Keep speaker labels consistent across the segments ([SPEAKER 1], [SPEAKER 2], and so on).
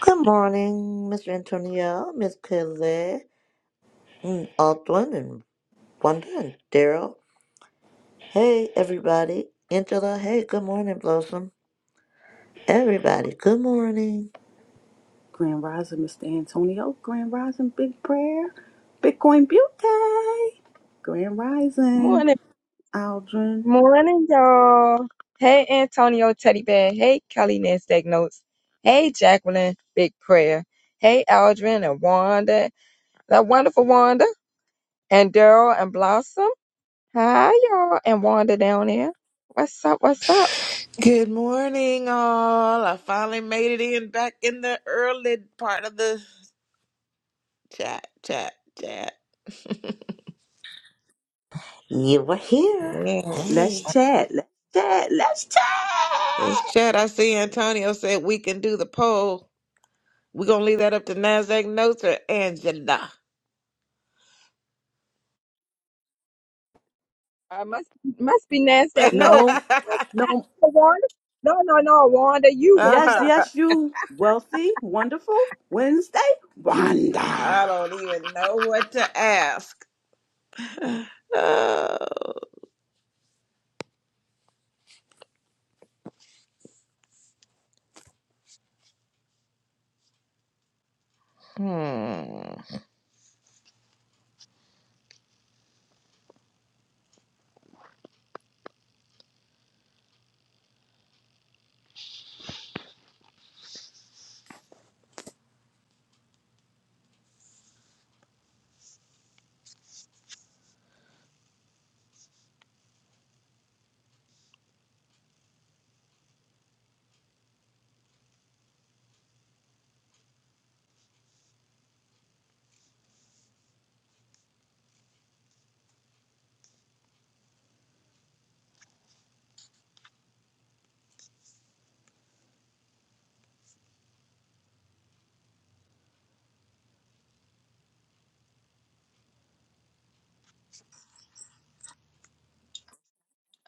[SPEAKER 1] Good morning, Mr. Antonio, Miss Kelly, and Aldwin, and Wanda, and Daryl. Hey, everybody. Angela, hey, good morning, Blossom. Everybody, good morning.
[SPEAKER 2] Grand Rising, Mr. Antonio. Grand Rising, Big Prayer. Bitcoin Beauty. Grand Rising,
[SPEAKER 3] Morning,
[SPEAKER 2] Aldrin.
[SPEAKER 3] morning, y'all. Hey, Antonio Teddy Bear. Hey, Kelly Nasdaq Notes. Hey, Jacqueline Big Prayer. Hey, Aldrin and Wanda, that wonderful Wanda and Daryl and Blossom. Hi, y'all, and Wanda down there. What's up? What's up?
[SPEAKER 4] Good morning, all. I finally made it in back in the early part of the chat, chat, chat.
[SPEAKER 1] You were here.
[SPEAKER 2] Let's
[SPEAKER 1] Hey.
[SPEAKER 4] Yes.
[SPEAKER 2] chat. Let's chat. Let's
[SPEAKER 4] This
[SPEAKER 2] chat.
[SPEAKER 4] chat, I see Antonio said we can do the poll. We're going to leave that up to NASDAQ notes or Angela.
[SPEAKER 3] I must must be Nasdaq Notes.
[SPEAKER 2] No,
[SPEAKER 3] Must I,
[SPEAKER 2] no.
[SPEAKER 3] Wanda? No, no, no, Wanda. You,
[SPEAKER 2] Yes,
[SPEAKER 3] Wanda.
[SPEAKER 2] yes,
[SPEAKER 4] I
[SPEAKER 2] you. Wealthy, wonderful. Wednesday, Wanda.
[SPEAKER 4] don't even know what to ask. Uh, hmm.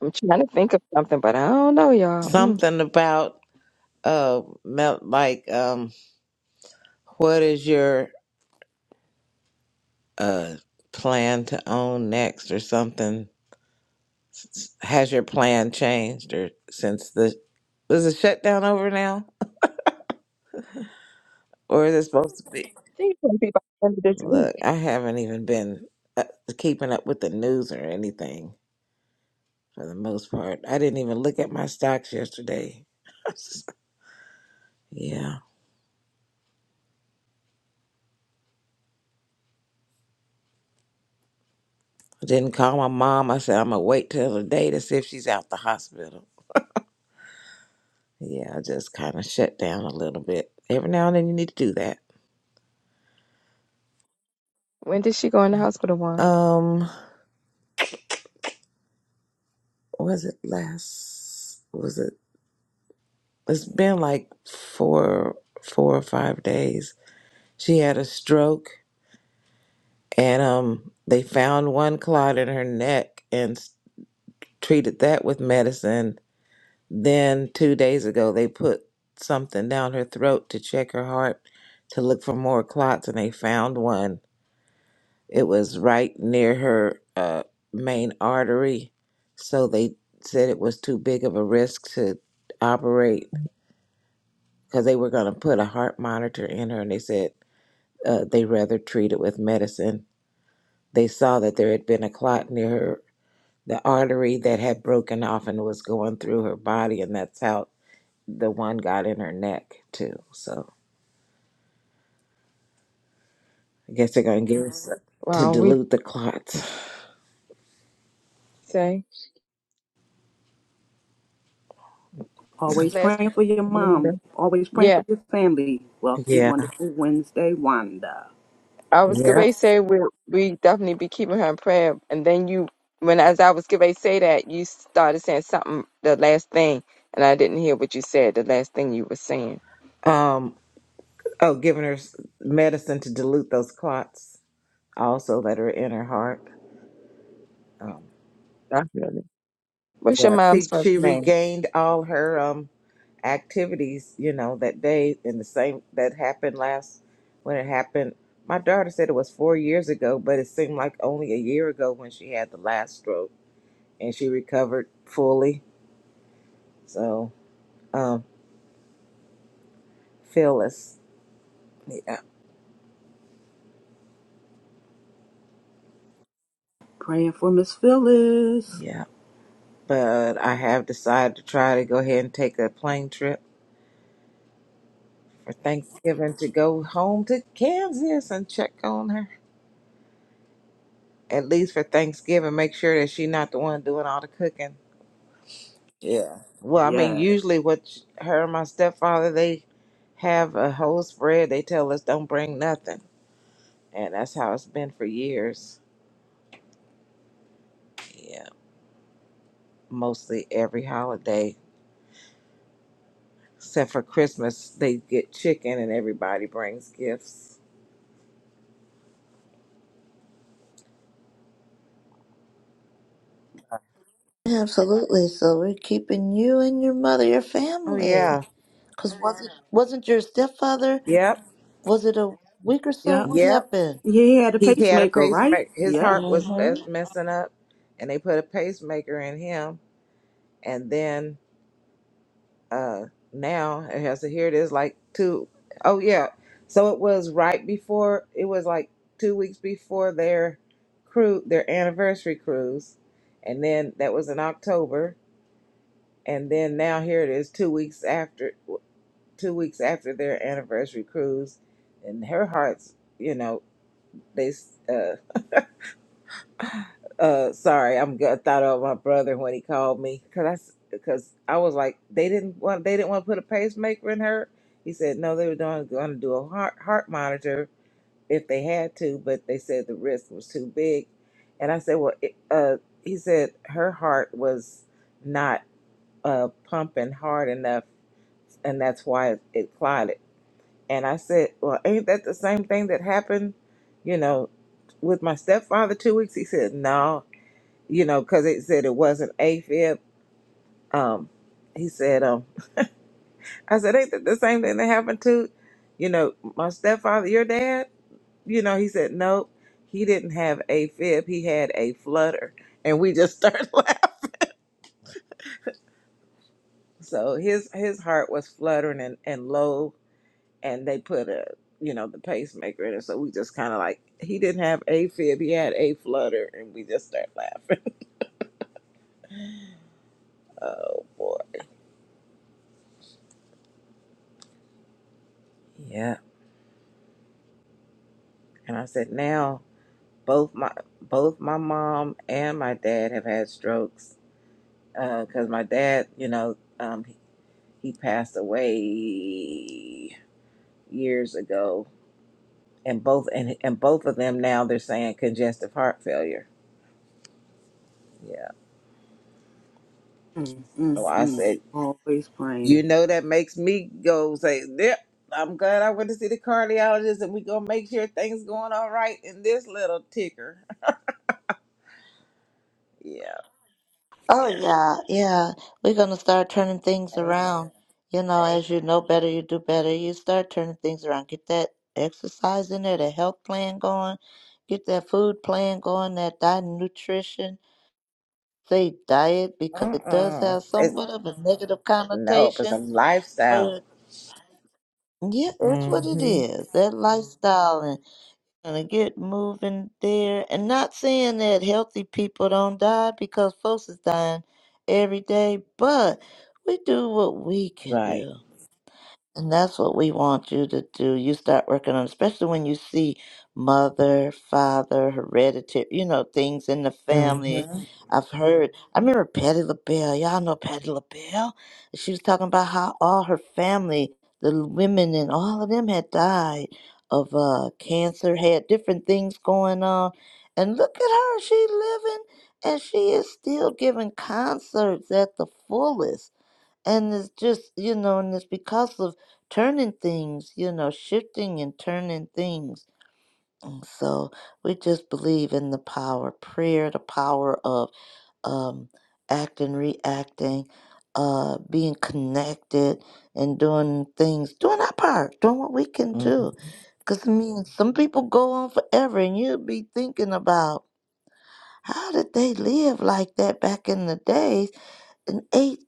[SPEAKER 3] I'm trying to think of something, but I don't know, y'all. Mm. I
[SPEAKER 4] Something about, uh, mel- like, um, what is your uh, plan to own next or something? Has your plan changed or since the was the shutdown over now, or is it supposed to be?
[SPEAKER 3] think it's gonna be by the end of this week.
[SPEAKER 4] Look, I haven't even been uh, keeping up with the news or anything for the most part. I didn't even look at my stocks yesterday. yeah, I didn't call my mom. I said I'm gonna wait till the day to see if she's out the hospital. Yeah, I just kind of shut down a little bit. Every now and then you need to do that.
[SPEAKER 3] When did she go in the house with a wand?
[SPEAKER 4] Um. was it last was it it's been like four four or five days she had a stroke and um they found one clot in her neck and s- treated that with medicine then two days ago they put something down her throat to check her heart to look for more clots and they found one it was right near her uh, main artery so they said it was too big of a risk to operate because they were going to put a heart monitor in her and they said uh, they rather treat it with medicine. They saw that there had been a clot near her, the artery that had broken off and was going through her body, and that's how the one got in her neck, too. So I guess they're going to give her s- to
[SPEAKER 3] Wow, we
[SPEAKER 4] dilute the clots.
[SPEAKER 3] say
[SPEAKER 2] Always
[SPEAKER 3] last.
[SPEAKER 2] praying for your mom. Always praying for
[SPEAKER 3] Yeah,
[SPEAKER 2] your family. Wealthy,
[SPEAKER 4] Yeah,
[SPEAKER 2] wonderful Wednesday, Wanda.
[SPEAKER 3] I was
[SPEAKER 4] yeah.
[SPEAKER 3] gonna say we we definitely be keeping her in prayer. And then you, when as I was gonna say that, you started saying something the last thing, and I didn't hear what you said. The last thing you were saying.
[SPEAKER 4] Um, oh, giving her s- medicine to dilute those clots also that are in her heart. Um,
[SPEAKER 3] Definitely. What's your
[SPEAKER 4] yeah,
[SPEAKER 3] mom's
[SPEAKER 4] she,
[SPEAKER 3] first
[SPEAKER 4] she
[SPEAKER 3] name?
[SPEAKER 4] regained all her um, activities, you know, that day and the same that happened last when it happened. My daughter said it was four years ago, but it seemed like only a year ago when she had the last stroke and she recovered fully. So, um, Phyllis, yeah,
[SPEAKER 2] Praying for Miss Phyllis.
[SPEAKER 4] yeah. But I have decided to try to go ahead and take a plane trip for Thanksgiving to go home to Kansas and check on her. At least for Thanksgiving, make sure that she's not the one doing all the cooking Yeah. Well, I mean,
[SPEAKER 2] Yeah.
[SPEAKER 4] usually what sh- her and my stepfather they have a whole spread. They tell us don't bring nothing, and that's how it's been for years. Yeah, mostly every holiday except for Christmas, they get chicken and everybody brings gifts.
[SPEAKER 1] Absolutely. So we're keeping you and your mother, your
[SPEAKER 4] Oh yeah.
[SPEAKER 1] family. Because wasn't, wasn't your stepfather,
[SPEAKER 4] Yep.
[SPEAKER 1] was it a week or so?
[SPEAKER 2] Yep.
[SPEAKER 1] What
[SPEAKER 4] Yep.
[SPEAKER 1] happened?
[SPEAKER 2] Yeah, the
[SPEAKER 4] He had a
[SPEAKER 2] pacemaker, right?
[SPEAKER 4] pacemaker. His
[SPEAKER 2] Yeah.
[SPEAKER 4] heart was
[SPEAKER 1] Mm-hmm.
[SPEAKER 4] uh, messing up, and they put a pacemaker in him, and then uh now it has to here it is like two oh yeah so it was right before it was like two weeks before their cruise their anniversary cruise and then that was in october and then now here it is two weeks after two weeks after their anniversary cruise and her heart's you know they uh Uh, sorry, I'm I thought of my brother when he called me because I because I was like they didn't want they didn't want to put a pacemaker in her. He said no, they were doing going to do a heart heart monitor if they had to, but they said the risk was too big. And I said, well, it, uh, he said her heart was not uh pumping hard enough, and that's why it, it clotted. And I said, well, ain't that the same thing that happened, you know, with my stepfather two weeks? He said, no, you know, because it said it wasn't AFib. Um, he said, um, I said, ain't that the same thing that happened to, you know, my stepfather, your dad? You know, he said, nope, he didn't have AFib. He had a flutter. And we just started laughing. So his his heart was fluttering and, and low, and they put a, you know, the pacemaker in it. So we just kind of like, he didn't have AFib. He had a flutter. And we just started laughing. Oh, boy. Yeah. And I said, now. both my both my mom and my dad have had strokes because my dad you know um, he passed away years ago and both and, and both of them now they're saying congestive heart failure yeah
[SPEAKER 2] Mm, mm,
[SPEAKER 4] so i
[SPEAKER 2] mm.
[SPEAKER 4] said
[SPEAKER 2] Always
[SPEAKER 4] you
[SPEAKER 2] praying.
[SPEAKER 4] know that makes me go say yep i'm glad i went to see the cardiologist and we gonna make sure things going all right in this little ticker yeah
[SPEAKER 1] Oh yeah, yeah. We're gonna start turning things
[SPEAKER 4] amen
[SPEAKER 1] around. You know, as you know better, you do better. You start turning things around. Get that exercise in there, that health plan going. Get that food plan going, that diet and nutrition. Say diet because it does
[SPEAKER 4] uh-uh
[SPEAKER 1] have
[SPEAKER 4] it's
[SPEAKER 1] somewhat of a negative
[SPEAKER 4] no it's a
[SPEAKER 1] connotation,
[SPEAKER 4] lifestyle
[SPEAKER 1] but yeah, it's what it
[SPEAKER 4] hmm
[SPEAKER 1] is. That lifestyle gonna get moving there and not saying that healthy people don't die because folks is dying every day but we do what we can
[SPEAKER 4] Right.
[SPEAKER 1] do and that's what we want you to do. You start working on, especially when you see mother, father, hereditary, you know, things in the family.
[SPEAKER 4] Mm-hmm.
[SPEAKER 1] I've heard, I remember Patty LaBelle. Y'all know Patty LaBelle? She was talking about how all her family, the women and all of them had died of uh, cancer, had different things going on. And look at her. She living and she is still giving concerts at the fullest and it's just you know and it's because of turning things you know shifting and turning things and so we just believe in the power of prayer the power of um acting reacting uh being connected and doing things doing our part doing what we can
[SPEAKER 4] hmm
[SPEAKER 1] do because i mean some people go on forever and you'll be thinking about how did they live like that back in the days and ate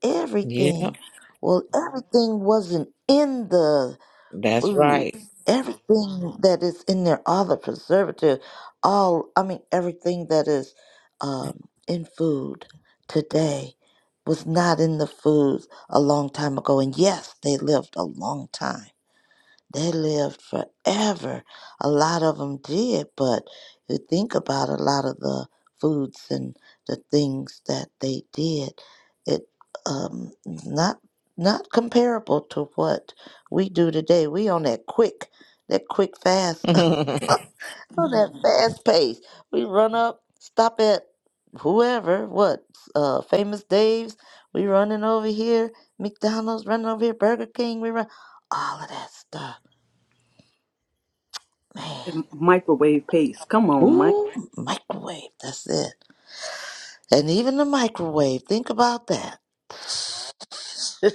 [SPEAKER 4] Yeah,
[SPEAKER 1] everything. Well, everything wasn't in the
[SPEAKER 4] that's right.
[SPEAKER 1] foods. Everything that is in there, all the preservative, all I mean, everything that is um, in food today was not in the foods a long time ago. And yes, they lived a long time they lived forever. A lot of them did, but you think about a lot of the foods and the things that they did, it um not not comparable to what we do today. We on that quick, that quick fast, on that Mhm. fast pace. We run up, stop at whoever, what uh, famous Dave's. We running over here, McDonald's running over here, Burger King. We run all of that stuff, man
[SPEAKER 2] And microwave pace. Come on, Mike.
[SPEAKER 1] Ooh, microwave. That's it. And even the microwave. Think about that. so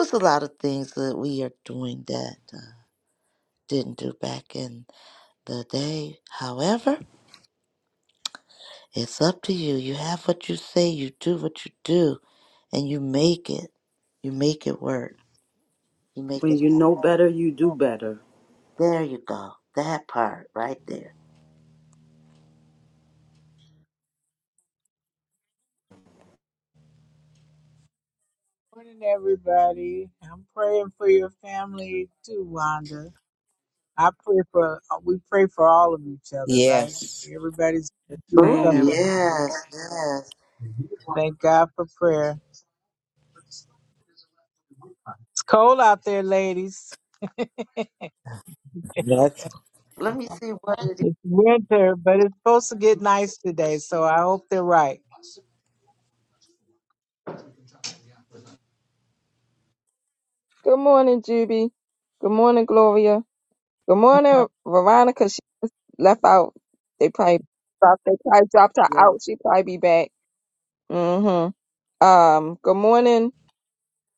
[SPEAKER 1] it's a lot of things that we are doing that uh, didn't do back in the day. However, it's up to you. You have what you say. You do what you do, and you make it. You make it work. You make
[SPEAKER 2] When
[SPEAKER 1] it
[SPEAKER 2] you know
[SPEAKER 1] happen.
[SPEAKER 2] better, you do better.
[SPEAKER 1] There you go. That part right there.
[SPEAKER 5] Morning, everybody. I'm praying for your family too, Wanda. I pray for, uh, we pray for all of each other, right?
[SPEAKER 4] yes.
[SPEAKER 5] Everybody's doing
[SPEAKER 1] Oh
[SPEAKER 2] Man.
[SPEAKER 5] something.
[SPEAKER 1] yes, yes.
[SPEAKER 5] Thank God for prayer. It's cold out there, ladies.
[SPEAKER 4] That's
[SPEAKER 1] Let me see what it is.
[SPEAKER 5] It's winter, but it's supposed to get nice today, so I hope they're right.
[SPEAKER 3] Good morning, Juby. Good morning, Gloria. Good morning, Veronica. She just left out. They probably dropped. They probably dropped her
[SPEAKER 2] Yep.
[SPEAKER 3] out. She probably be back. Mm-hmm. Um. Good morning,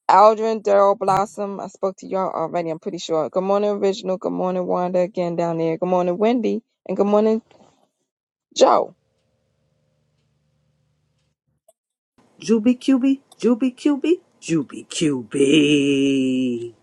[SPEAKER 3] Aldrin, Daryl, Blossom. I spoke to y'all already. I'm pretty sure. Good morning, Original. Good morning, Wanda. Again down there. Good morning, Wendy. And good morning, Joe.
[SPEAKER 2] Juby QB, Juby QB, Juby QB.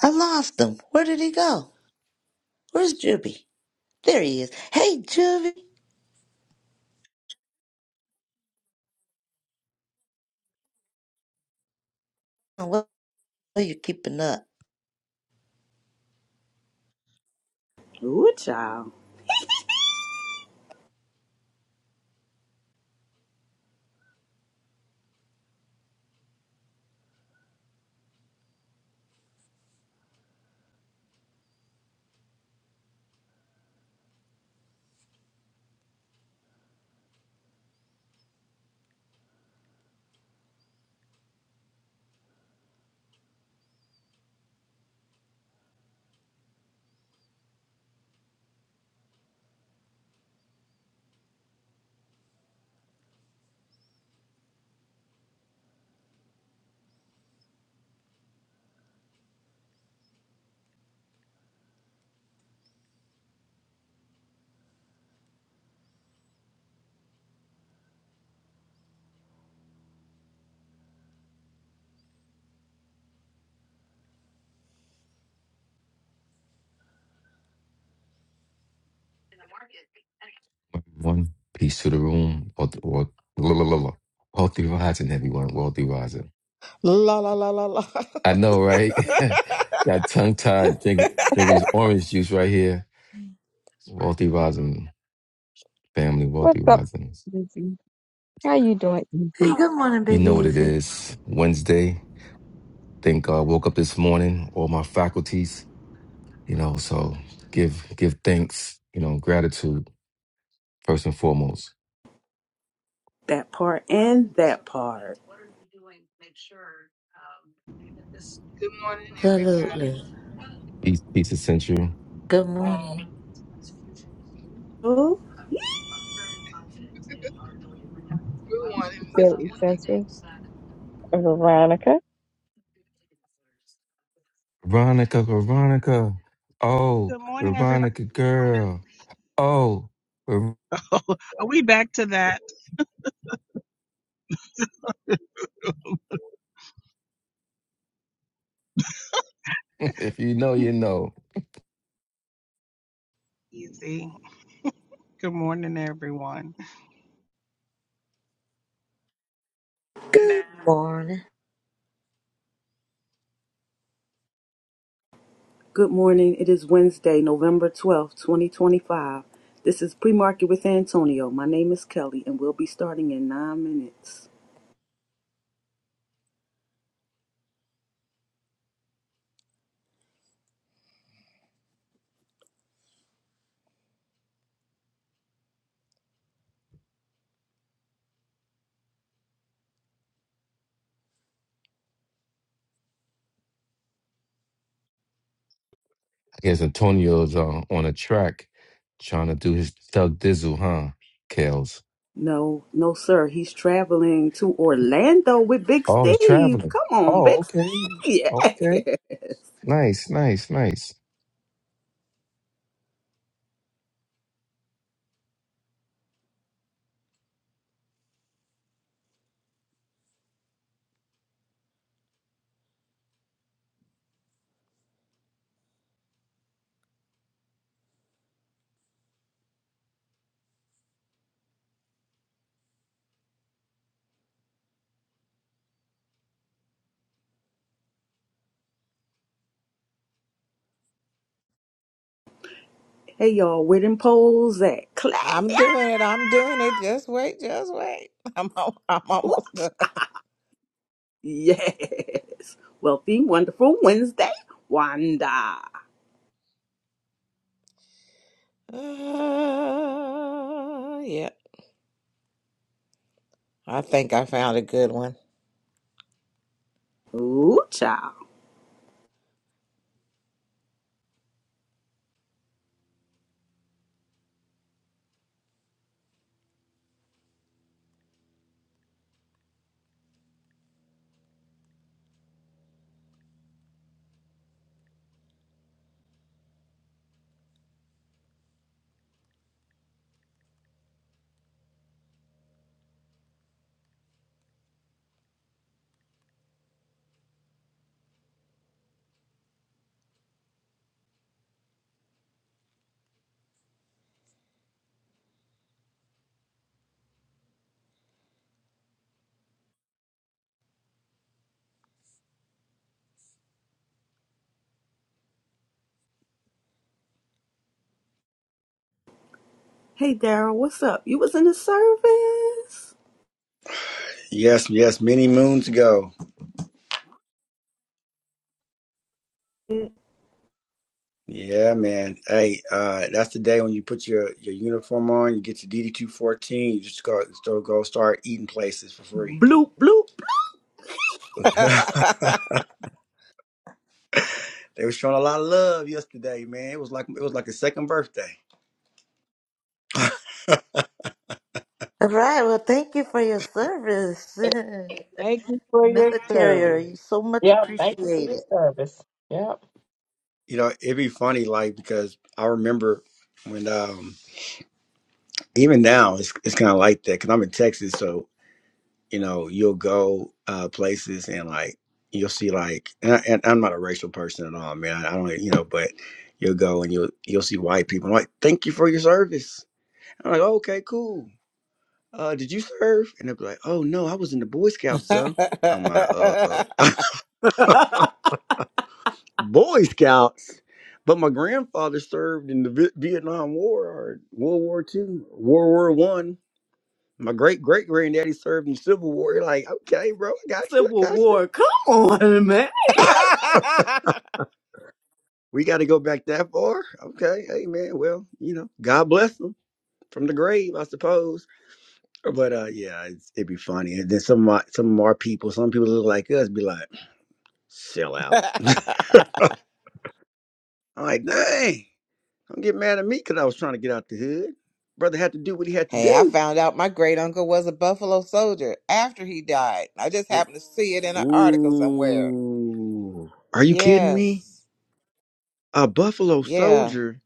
[SPEAKER 1] I lost him. Where did he go? Where's Juby? There he is. Hey, Juvie. What are you keeping up?
[SPEAKER 2] Ooh, child.
[SPEAKER 6] One piece to the room, or, or la, la, la, la. wealthy rising, everyone, wealthy rising.
[SPEAKER 4] la la la la la.
[SPEAKER 6] I know, right? Got tongue tied drinking, drinking this orange juice right here. Wealthy rising, family,
[SPEAKER 3] What's
[SPEAKER 6] wealthy
[SPEAKER 3] up,
[SPEAKER 6] rising.
[SPEAKER 3] Lizzie? How you doing?
[SPEAKER 1] Hey,
[SPEAKER 3] Ethan?
[SPEAKER 1] good morning,
[SPEAKER 6] You
[SPEAKER 1] Big
[SPEAKER 6] know what it
[SPEAKER 1] Easy.
[SPEAKER 6] is. Wednesday. Thank God. Woke up this morning. All my faculties. You know, so give give thanks. You know, gratitude first and foremost.
[SPEAKER 2] That part and that part.
[SPEAKER 7] Good morning, everybody.
[SPEAKER 1] Absolutely.
[SPEAKER 6] Peace, peace essential.
[SPEAKER 1] Good morning.
[SPEAKER 2] Oh,
[SPEAKER 7] Good morning, Miss Kelly.
[SPEAKER 3] Good, Veronica.
[SPEAKER 6] Veronica, Veronica. Oh,
[SPEAKER 8] Good morning, everybody.
[SPEAKER 6] Veronica girl. Oh,
[SPEAKER 8] Are we back to that?
[SPEAKER 6] if you know, you know.
[SPEAKER 8] Easy. Good morning, everyone.
[SPEAKER 1] Good morning.
[SPEAKER 2] good morning. It is Wednesday, November 12th, 2025. This is Pre Market with Antonio. My name is Kelly, and we'll be starting in nine minutes.
[SPEAKER 6] I guess Antonio's uh, on a track trying to do his Thug Dizzle, huh? Kales.
[SPEAKER 2] No, no, sir. He's traveling to Orlando with Big
[SPEAKER 6] Oh, he's
[SPEAKER 2] Steve.
[SPEAKER 6] traveling.
[SPEAKER 2] Come on,
[SPEAKER 6] Oh,
[SPEAKER 2] Big Steve.
[SPEAKER 6] okay.
[SPEAKER 2] Yeah.
[SPEAKER 6] Okay. Nice, nice, nice.
[SPEAKER 2] Hey, y'all, where them poles at? Clap.
[SPEAKER 4] I'm
[SPEAKER 2] Yeah.
[SPEAKER 4] doing it. I'm doing it. Just wait. Just wait. I'm al- I'm
[SPEAKER 2] Woo.
[SPEAKER 4] almost done.
[SPEAKER 2] Yes. Wealthy, wonderful Wednesday. Wanda.
[SPEAKER 4] Ah, yeah. I think I found a good one.
[SPEAKER 2] Ooh, child. Hey, Daryl, what's up? You was in the service?
[SPEAKER 9] Yes, yes, many moons ago. Yeah, man. Hey, uh, that's the day when you put your, your uniform on, you get your DD two fourteen, you just go still go start eating places for free.
[SPEAKER 2] Bloop, bloop, bloop.
[SPEAKER 9] they were showing a lot of love yesterday, man. It was like it was like a second birthday.
[SPEAKER 1] All right, well, thank you for your service.
[SPEAKER 5] Thank you for your service.
[SPEAKER 1] Military, you so much
[SPEAKER 3] Yep. Thank you for your
[SPEAKER 1] appreciated.
[SPEAKER 3] service. Yep.
[SPEAKER 9] You know, it'd be funny, like because I remember when um even now it's it's kind of like that because I'm in Texas, so you know, you'll go uh, places and like you'll see like, and, I, and I'm not a racial person at all, man. I don't, you know, but you'll go and you'll you'll see white people I'm like, thank you for your service. I'm like, okay, cool. Uh, did you serve? And they'll be like, oh no, I was in the Boy Scouts though. I'm like, uh, Boy Scouts. But my grandfather served in the Vi- Vietnam War or World War Two, World War One. My great great granddaddy served in the Civil War. You're like, okay, bro, I got you, I
[SPEAKER 2] Civil
[SPEAKER 9] got
[SPEAKER 2] War.
[SPEAKER 9] you.
[SPEAKER 2] Come on, man.
[SPEAKER 9] We got to go back that far? Okay, hey man. Well, you know, God bless them from the grave, I suppose. But uh, yeah, it's, it'd be funny. And then some of my, some of our people, some people look like us, be like, sell out. I'm like, dang, don't get mad at me because I was trying to get out the hood. Brother had to do what he had to
[SPEAKER 4] Hey, I
[SPEAKER 9] do.
[SPEAKER 4] found out my great uncle was a Buffalo soldier after he died. I just
[SPEAKER 9] The-
[SPEAKER 4] happened to see it in an article somewhere.
[SPEAKER 9] Ooh, are you kidding me?
[SPEAKER 4] Yes.
[SPEAKER 9] A Buffalo
[SPEAKER 4] Yeah.
[SPEAKER 9] soldier?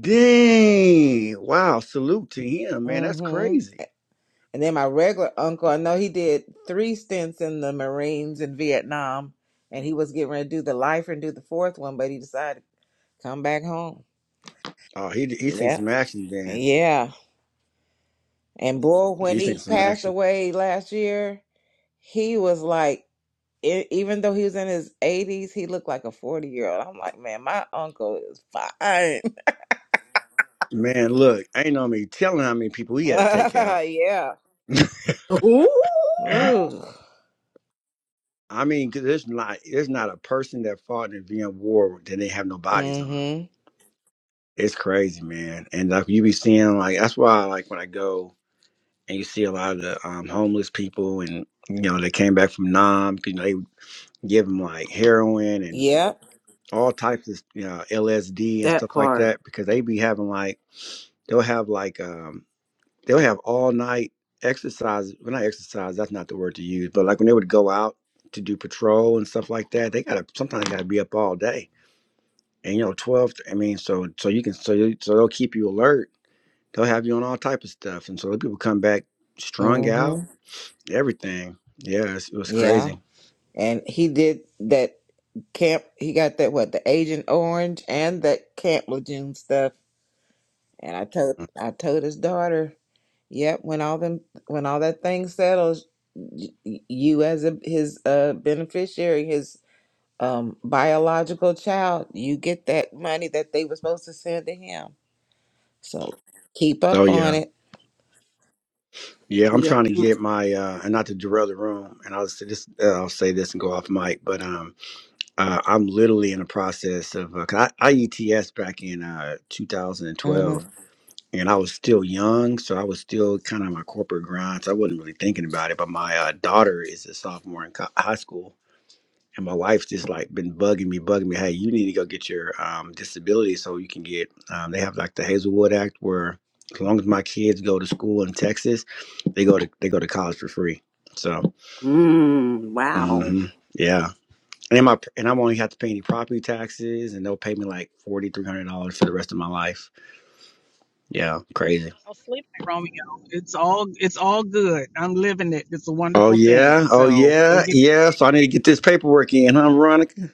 [SPEAKER 9] Dang! Wow, salute to him, man. That's
[SPEAKER 4] Mm-hmm.
[SPEAKER 9] crazy.
[SPEAKER 4] And then my regular uncle, I know he did three stints in the Marines in Vietnam, and he was getting ready to do the lifer and do the fourth one, but he decided to come back home.
[SPEAKER 9] Oh, he he seen
[SPEAKER 4] Yeah.
[SPEAKER 9] some action, then.
[SPEAKER 4] Yeah. And boy, when
[SPEAKER 9] He's taking
[SPEAKER 4] he
[SPEAKER 9] some
[SPEAKER 4] passed
[SPEAKER 9] action.
[SPEAKER 4] away last year, he was like e- even though he was in his 80s, he looked like a 40 year old. I'm like, man, my uncle is fine.
[SPEAKER 9] Man, look, ain't no me telling how many people he had to take out.
[SPEAKER 4] yeah.
[SPEAKER 2] Ooh.
[SPEAKER 4] Ooh.
[SPEAKER 9] I mean, 'cause there's not there's not a person that fought in the Vietnam War that didn't have no bodies on them.
[SPEAKER 4] Mm-hmm.
[SPEAKER 9] It's crazy, man. And like you be seeing, like that's why, like when I go and you see a lot of the um, homeless people, and you know they came back from Nam, you know they give them like heroin and
[SPEAKER 4] Yeah.
[SPEAKER 9] all types of you know LSD and
[SPEAKER 2] That
[SPEAKER 9] stuff like
[SPEAKER 2] part.
[SPEAKER 9] that because they be having like they'll have like um They'll have all night exercise. Well, not exercise. That's not the word to use. But like when they would go out to do patrol and stuff like that, they gotta sometimes gotta be up all day. And you know, twelve. I mean, so so you can so you, so they'll keep you alert. They'll have you on all type of stuff, and so the people come back strung out.
[SPEAKER 4] Mm-hmm.
[SPEAKER 9] Everything. Yeah, it's, it was
[SPEAKER 4] Yeah.
[SPEAKER 9] crazy.
[SPEAKER 4] And he did that camp. He got that what the Agent Orange and that Camp Lejeune stuff. And I told I told his daughter, "Yep, when all them when all that thing settles, y- y- you as a, his uh beneficiary, his um, biological child, you get that money that they were supposed to send to him. So keep
[SPEAKER 9] Oh
[SPEAKER 4] up on
[SPEAKER 9] yeah,
[SPEAKER 4] it.
[SPEAKER 9] yeah. I'm
[SPEAKER 2] Yeah.
[SPEAKER 9] trying to get my uh, and not to derail the room. And I'll say this. Uh, I'll say this and go off mic, but um. uh, I'm literally in the process of uh, 'cause I, I E T S back in uh, 2012,
[SPEAKER 4] Mhm.
[SPEAKER 9] and I was still young, so I was still kind of on my corporate grind, so I wasn't really thinking about it. But my uh, daughter is a sophomore in co- high school, and my wife's just like been bugging me, bugging me. Hey, you need to go get your um, disability so you can get. Um, they have like the Hazelwood Act where as long as my kids go to school in Texas, they go to they go to college for free. So,
[SPEAKER 2] Mmm. Wow.
[SPEAKER 9] mhm. yeah. And my and I won't even have to pay any property taxes, and they'll pay me like forty three hundred dollars for the rest of my life. Yeah, crazy.
[SPEAKER 8] Romeo, it's all it's all good. I'm living it. It's a
[SPEAKER 9] Oh
[SPEAKER 8] wonderful thing.
[SPEAKER 9] yeah, oh
[SPEAKER 8] So go
[SPEAKER 9] yeah,
[SPEAKER 8] get
[SPEAKER 9] yeah. So I need to get this paperwork in, huh, Veronica?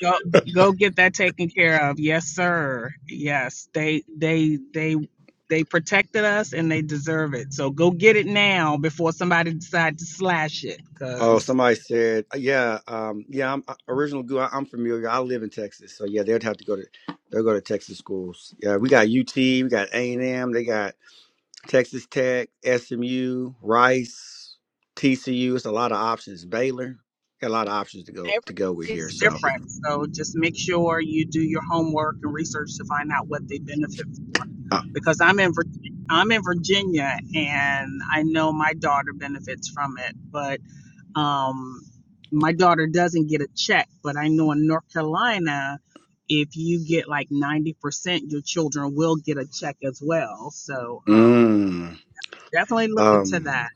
[SPEAKER 8] go go get that taken care of. Yes, sir. Yes, they they they they protected us and they deserve it. So go get it now before somebody decides to slash it.
[SPEAKER 9] Oh,
[SPEAKER 8] Cause
[SPEAKER 9] somebody said, uh, yeah, um, yeah. I'm I, original goo. I, I'm familiar. I live in Texas, so yeah, they'd have to go to they'll go to Texas schools. Yeah, we got UT, we got A and M, they got Texas Tech, SMU, Rice, TCU. It's a lot of options. Baylor, got a lot of options to go to go with here.
[SPEAKER 8] Everything's
[SPEAKER 9] So.
[SPEAKER 8] different, so just make sure you do your homework and research to find out what they benefit for.
[SPEAKER 9] uh,
[SPEAKER 8] Because I'm in Vir- I'm in Virginia, and I know my daughter benefits from it, but um, my daughter doesn't get a check. But I know in North Carolina, if you get like ninety percent, your children will get a check as well. So um,
[SPEAKER 9] Mm,
[SPEAKER 8] definitely look into
[SPEAKER 9] um,
[SPEAKER 8] that.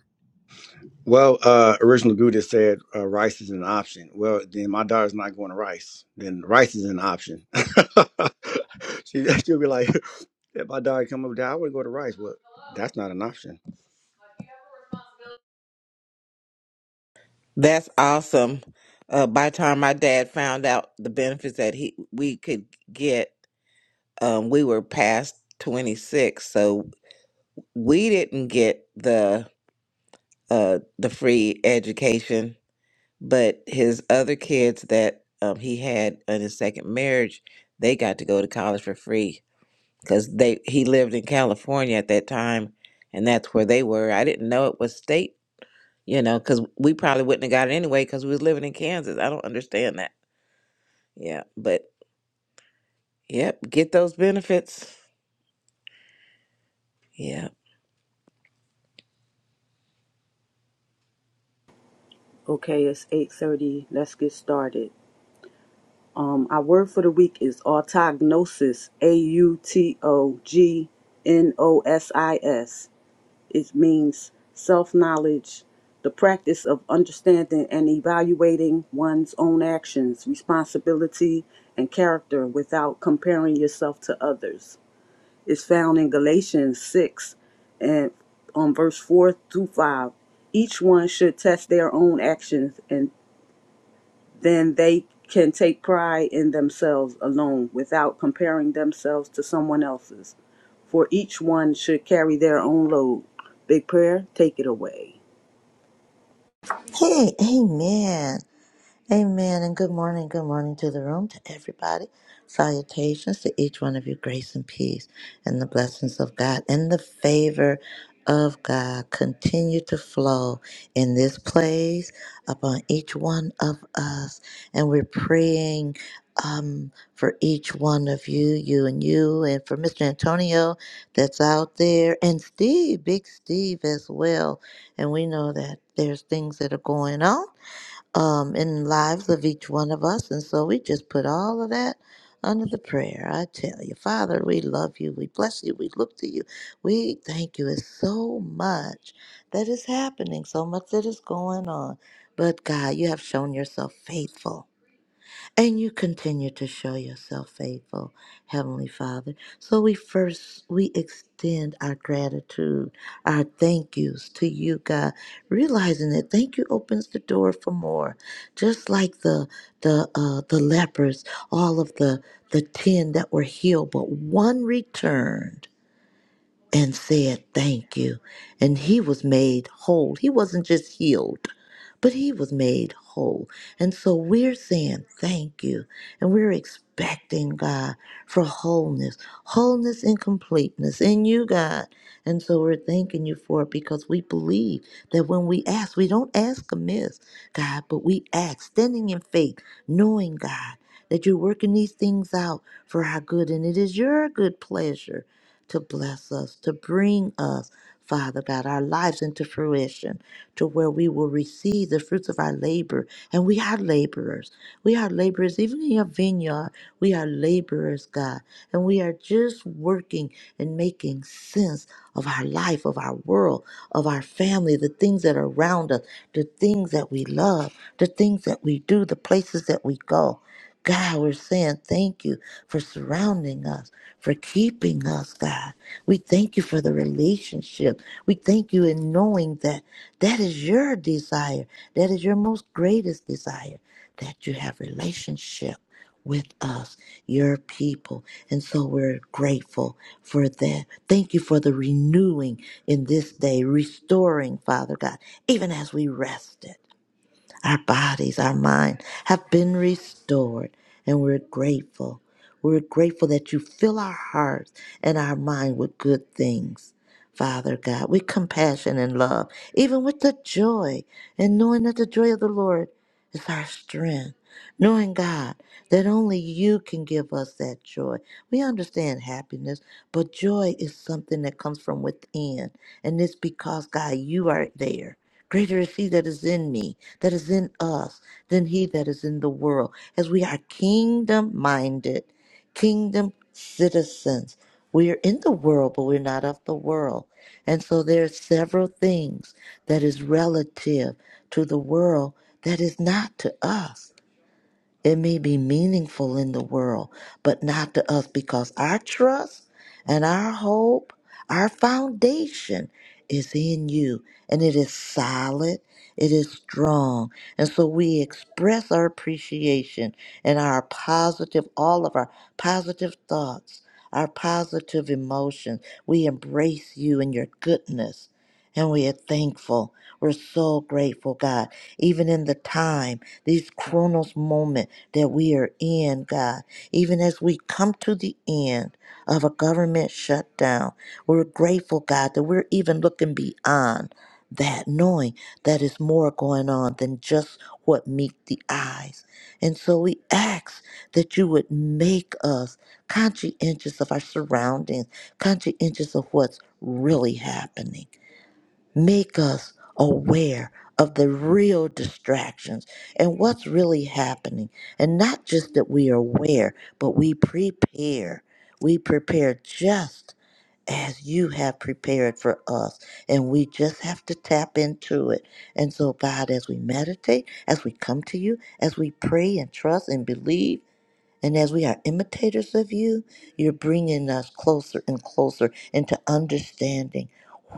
[SPEAKER 9] well, uh, original Buddha said uh, rice is an option. Well, then my daughter's not going to rice. Then rice is an option. she, she'll be like, if my daughter come up there, I would go to rice. Well, that's not an option.
[SPEAKER 4] That's awesome. Uh, by the time my dad found out the benefits that he we could get, um, we were past twenty six, so we didn't get the uh, the free education. But his other kids that um, he had in his second marriage, they got to go to college for free because they he lived in California at that time, and that's where they were. I didn't know it was state, you know, because we probably wouldn't have got it anyway because we was living in Kansas. I don't understand that. Yeah, but yep, get those benefits. Yeah.
[SPEAKER 2] Okay, it's 8:30. Let's get started. Um our word for the week is autognosis, A U T O G N O S I S. It means self-knowledge, the practice of understanding and evaluating one's own actions, responsibility, and character without comparing yourself to others. It's found in Galatians 6 and on verse 4 through 5. Each one should test their own actions and then they can take pride in themselves alone without comparing themselves to someone else's. For each one should carry their own load. Big prayer, take it away.
[SPEAKER 1] Hey, amen. Amen and good morning. Good morning to the room, to everybody. Salutations to each one of you. Grace and peace and the blessings of God and the favor of God continue to flow in this place upon each one of us. And we're praying um, for each one of you, you and you, and for Mr. Antonio that's out there, and Steve, Big Steve as well. And we know that there's things that are going on um, in lives of each one of us. And so we just put all of that under the prayer. I tell you, Father, we love you. We bless you. We look to you. We thank you. It's so much that is happening, so much that is going on. But God, you have shown yourself faithful and you continue to show yourself faithful, Heavenly Father. So we first we extend our gratitude, our thank yous to you, God, realizing that thank you opens the door for more. Just like the the uh, the lepers, all of the the ten that were healed, but one returned and said thank you. And he was made whole. He wasn't just healed, but he was made whole. And so we're saying thank you. And we're expecting God for wholeness, wholeness and completeness in you, God. And so we're thanking you for it because we believe that when we ask, we don't ask amiss, God, but we ask standing in faith, knowing, God, that you're working these things out for our good. And it is your good pleasure to bless us, to bring us, Father God, our lives into fruition to where we will receive the fruits of our labor. And we are laborers. We are laborers, even in your vineyard, we are laborers, God. And we are just working and making sense of our life, of our world, of our family, the things that are around us, the things that we love, the things that we do, the places that we go. God, we're saying thank you for surrounding us, for keeping us, God. We thank you for the relationship. We thank you in knowing that that is your desire. That is your most greatest desire, that you have relationship with us, your people. And so we're grateful for that. Thank you for the renewing in this day, restoring, Father God, even as we rested. Our bodies, our mind have been restored, and we're grateful. We're grateful that you fill our hearts and our mind with good things. Father God, with compassion and love, even with the joy, and knowing that the joy of the Lord is our strength. Knowing, God, that only you can give us that joy. We understand happiness, but joy is something that comes from within. And it's because, God, you are there. Greater is he that is in me, that is in us, than he that is in the world. As we are kingdom minded, kingdom citizens. We are in the world, but we're not of the world. And so there are several things that is relative to the world that is not to us. It may be meaningful in the world, but not to us because our trust and our hope, our foundation is in you and it is solid, it is strong. And so we express our appreciation and our positive, all of our positive thoughts, our positive emotions. We embrace you and your goodness. And we are thankful. We're so grateful, God. Even in the time, these chronos moments that we are in, God. Even as we come to the end of a government shutdown, we're grateful, God, that we're even looking beyond that, knowing that is more going on than just what meet the eyes. And so we ask that you would make us conscientious of our surroundings, conscientious of what's really happening. Make us aware of the real distractions and what's really happening. And not just that we are aware, but we prepare. We prepare just as you have prepared for us. And we just have to tap into it. And so, God, as we meditate, as we come to you, as we pray and trust and believe, and as we are imitators of you, you're bringing us closer and closer into understanding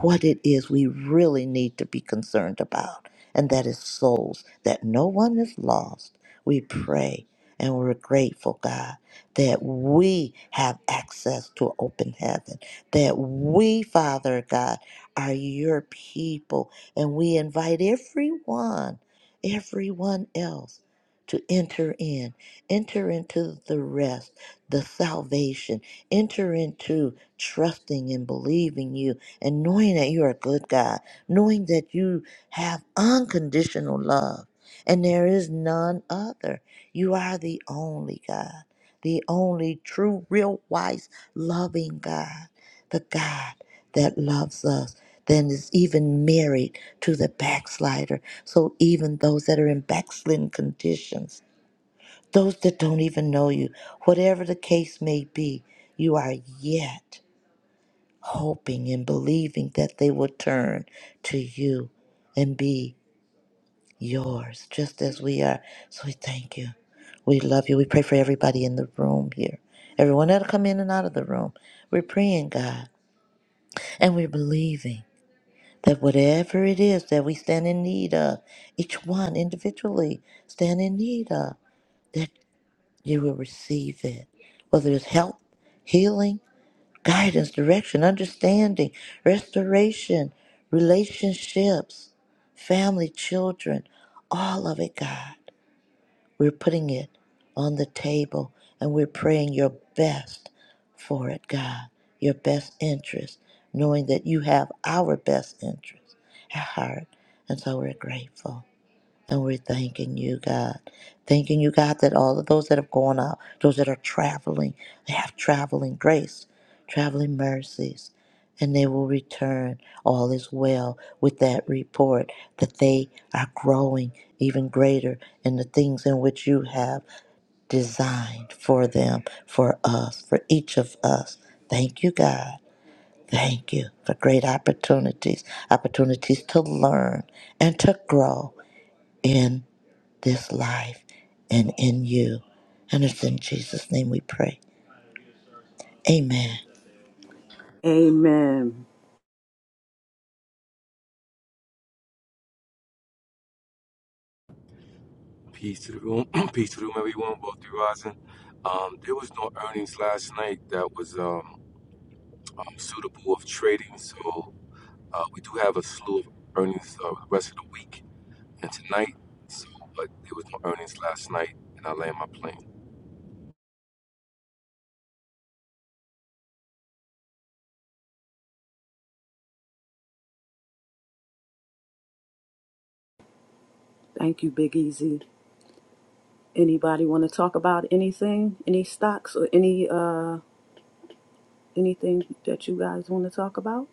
[SPEAKER 1] what it is we really need to be concerned about. And that is souls, that no one is lost. We pray and we're grateful, God, that we have access to an open heaven, that we, Father God, are your people. And we invite everyone, everyone else to enter in Enter into the rest, the salvation. Enter into trusting and believing you and knowing that you're a good God, knowing that you have unconditional love and there is none other. You are the only God, the only true, real, wise, loving God, the God that loves us, then is even married to the backslider. So even those that are in backslidden conditions, those that don't even know you, whatever the case may be, you are yet hoping and believing that they will turn to you and be yours, just as we are. So we thank you. We love you. We pray for everybody in the room here, everyone that'll come in and out of the room. We're praying, God, and we're believing that whatever it is that we stand in need of, each one individually stand in need of. you will receive it. Whether it's help, healing, guidance, direction, understanding, restoration, relationships, family, children, all of it, God. We're putting it on the table and we're praying your best for it, God, your best interest, knowing that you have our best interest at heart. And so we're grateful. And we're thanking you, God. Thanking you, God, that all of those that have gone out, those that are traveling, they have traveling grace, traveling mercies, and they will return. All is well with that report that they are growing even greater in the things in which you have designed for them, for us, for each of us. Thank you, God. Thank you for great opportunities, opportunities to learn and to grow in this life and in you. And it's in Jesus' name we pray. Amen.
[SPEAKER 2] Amen.
[SPEAKER 6] Peace to the room. Peace to the room, everyone. Wealthy rising. Um, there was no earnings last night that was um, um, suitable of trading, so uh, we do have a slew of earnings uh, the rest of the week and tonight. So, but there was no earnings last night, and I land my plane.
[SPEAKER 2] Thank you, Big Easy. Anybody want to talk about anything? Any stocks or any uh anything that you guys want to talk about?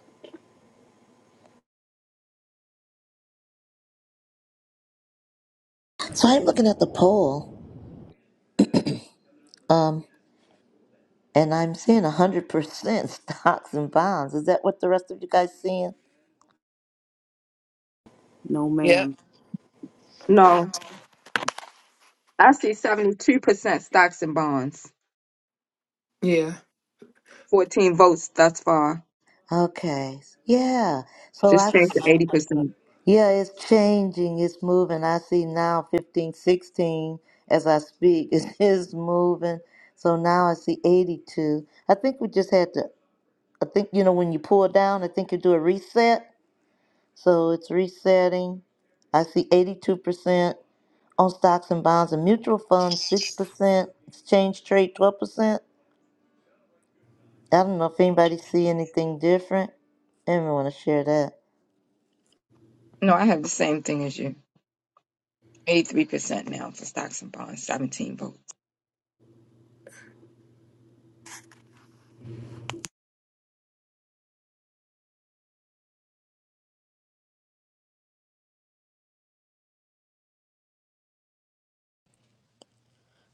[SPEAKER 1] So I'm looking at the poll, um, and I'm seeing 100% stocks and bonds. Is that what the rest of you guys seeing?
[SPEAKER 2] No,
[SPEAKER 7] Yeah.
[SPEAKER 2] ma'am.
[SPEAKER 3] No. I see 72% stocks and bonds.
[SPEAKER 7] Yeah.
[SPEAKER 3] 14 votes thus far.
[SPEAKER 1] Okay. Yeah. So
[SPEAKER 3] Just
[SPEAKER 1] I,
[SPEAKER 3] changed to 80%.
[SPEAKER 1] yeah, it's changing. It's moving. I see now 15, 16 as I speak. It is moving. So now I see 82. I think we just had to, I think, you know, when you pull down, I think you do a reset. So it's resetting. I see 82% on stocks and bonds and mutual funds, 6%, exchange trade, 12%. I don't know if anybody see anything different. Anyone want to share that?
[SPEAKER 3] No, I have the same thing as you. 83% now for stocks and bonds, 17 votes.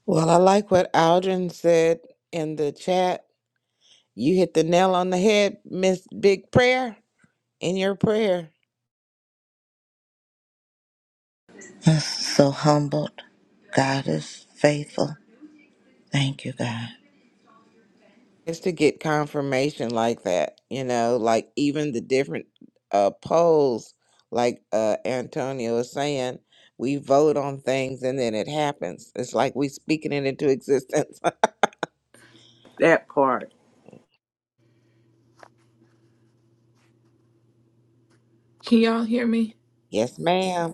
[SPEAKER 4] Well, I like what Aldrin said in the chat. You hit the nail on the head, Miss Big Prayer, in your prayer.
[SPEAKER 1] That's so humbled. God is faithful. Thank you, God.
[SPEAKER 4] It's to get confirmation like that, you know, like even the different uh polls, like uh Antonio was saying, we vote on things and then it happens. It's like we speaking it into existence.
[SPEAKER 2] That part.
[SPEAKER 7] Can y'all hear me?
[SPEAKER 4] yes, ma'am.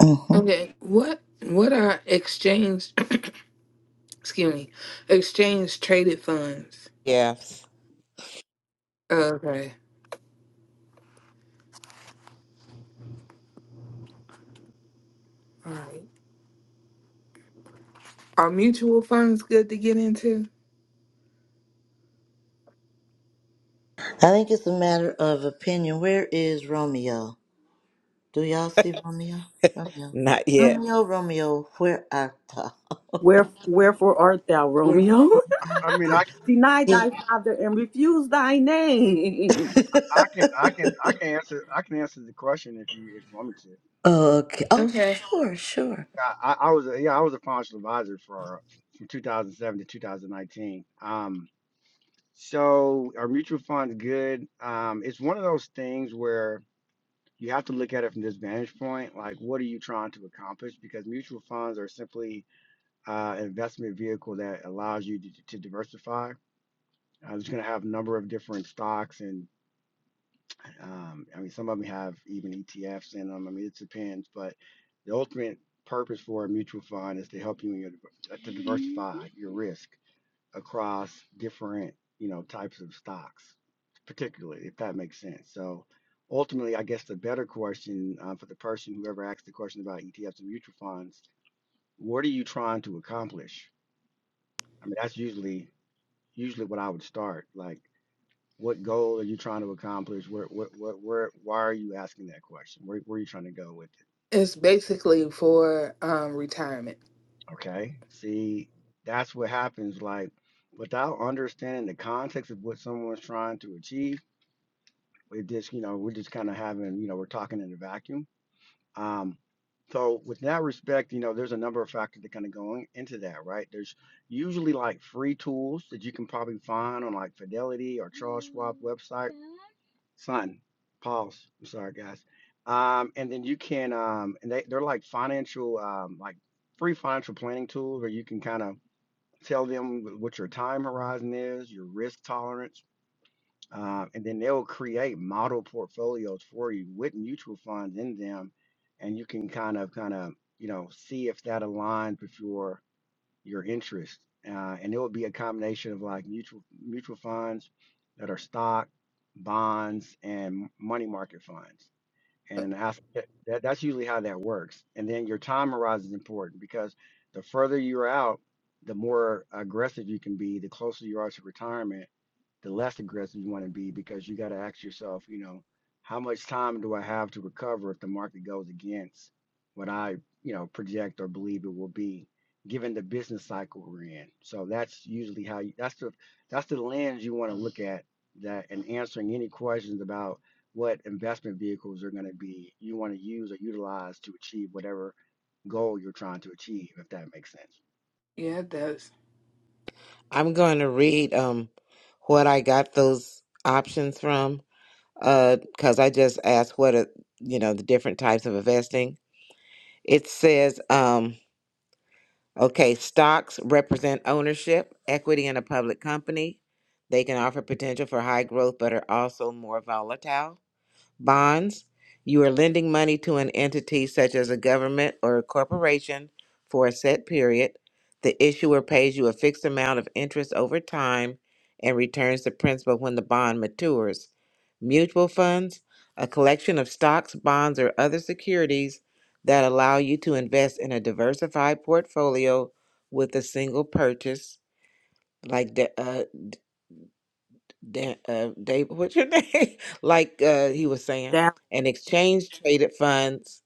[SPEAKER 1] hmm
[SPEAKER 7] Okay. What what are exchange excuse me. Exchange traded funds.
[SPEAKER 4] Yes.
[SPEAKER 7] Okay. All right. Are mutual funds good to get into?
[SPEAKER 1] I think it's a matter of opinion. Where is Romeo? Do y'all see Romeo? Romeo,
[SPEAKER 4] Not yet.
[SPEAKER 1] Romeo, Romeo, where art thou?
[SPEAKER 2] Where wherefore art thou,
[SPEAKER 1] Where
[SPEAKER 2] Romeo?
[SPEAKER 1] art
[SPEAKER 9] I mean,
[SPEAKER 1] thou?
[SPEAKER 9] I, can-
[SPEAKER 2] Deny thy father and refuse thy name.
[SPEAKER 1] Yeah.
[SPEAKER 9] I can, I can, I can answer, I can answer the question if you, if you want me to.
[SPEAKER 1] Okay. Oh,
[SPEAKER 7] Okay.
[SPEAKER 1] sure, sure.
[SPEAKER 9] I, I, I was, a, yeah, I was a financial advisor for from 2007 to 2019. Um, so are mutual funds good? Um, it's one of those things where. you have to look at it from this vantage point. Like, what are you trying to accomplish? Because mutual funds are simply uh, an investment vehicle that allows you to, to diversify. Uh, it's going to have a number of different stocks, and um, I mean, some of them have even ETFs in them. I mean, it depends, but the ultimate purpose for a mutual fund is to help you in your, to diversify your risk across different, you know, types of stocks, particularly if that makes sense. So ultimately, I guess the better question uh, for the person whoever asked the question about ETFs and mutual funds, what are you trying to accomplish? I mean, that's usually usually what I would start. Like, what goal are you trying to accomplish? Where what what where why are you asking that question? Where where are you trying to go with it?
[SPEAKER 7] It's basically for um retirement.
[SPEAKER 9] Okay. See, that's what happens. Like, without understanding the context of what someone's trying to achieve It just, you know, we're just kind of having, you know, we're talking in a vacuum. Um, so with that respect, you know, there's a number of factors that kind of go in- into that, right? There's usually like free tools that you can probably find on like Fidelity or Charles Schwab website. Son, pause. I'm sorry, guys. Um, and then you can, um, and they, they're like financial, um, like free financial planning tools where you can kind of tell them wh- what your time horizon is, your risk tolerance um, and then they'll create model portfolios for you with mutual funds in them, and you can kind of kind of you know see if that aligns with your your interest. Uh, and it will be a combination of like mutual mutual funds that are stock, bonds, and money market funds.
[SPEAKER 7] Uh,
[SPEAKER 9] And an asset, that, that's usually how that works. And then your time horizon is important because the further you're out, the more aggressive you can be, the closer you are to retirement the less aggressive you want to be because you got to ask yourself, you know, how much time do I have to recover if the market goes against what I, you know, project or believe it will be given the business cycle we're in. So that's usually how you, that's the that's the lens you want to look at that and answering any questions about what investment vehicles are going to be you want to use or utilize to achieve whatever goal you're trying to achieve if that makes sense.
[SPEAKER 7] Yeah, it does.
[SPEAKER 4] I'm going to read um what I got those options from uh cuz I just asked what are, you know, the different types of investing. It says um Okay, stocks represent ownership, equity in a public company. They can offer potential for high growth, but are also more volatile. Bonds, you are lending money to an entity such as a government or a corporation for a set period. The issuer pays you a fixed amount of interest over time and returns the principal when the bond matures. Mutual funds, a collection of stocks, bonds, or other securities that allow you to invest in a diversified portfolio with a single purchase, like de- uh, Dan, uh, Dave, what's your name? like uh, he was saying,
[SPEAKER 2] That
[SPEAKER 4] and exchange traded funds,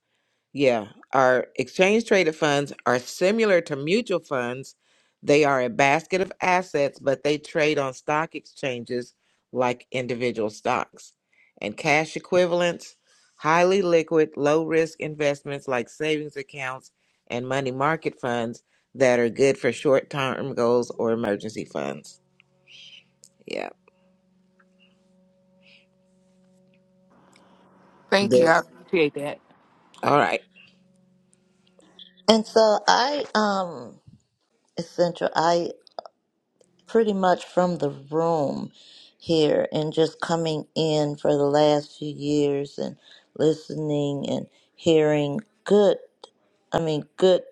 [SPEAKER 4] yeah, are exchange traded funds are similar to mutual funds. They are a basket of assets, but they trade on stock exchanges like individual stocks. And cash equivalents, highly liquid, low risk investments like savings accounts and money market funds that are good for short term goals or emergency funds. Yeah.
[SPEAKER 7] Thank you. I
[SPEAKER 4] Those.
[SPEAKER 7] appreciate that.
[SPEAKER 4] All right.
[SPEAKER 1] And so I, um, Essential, I pretty much from the room here and just coming in for the last few years and listening and hearing good, I mean, good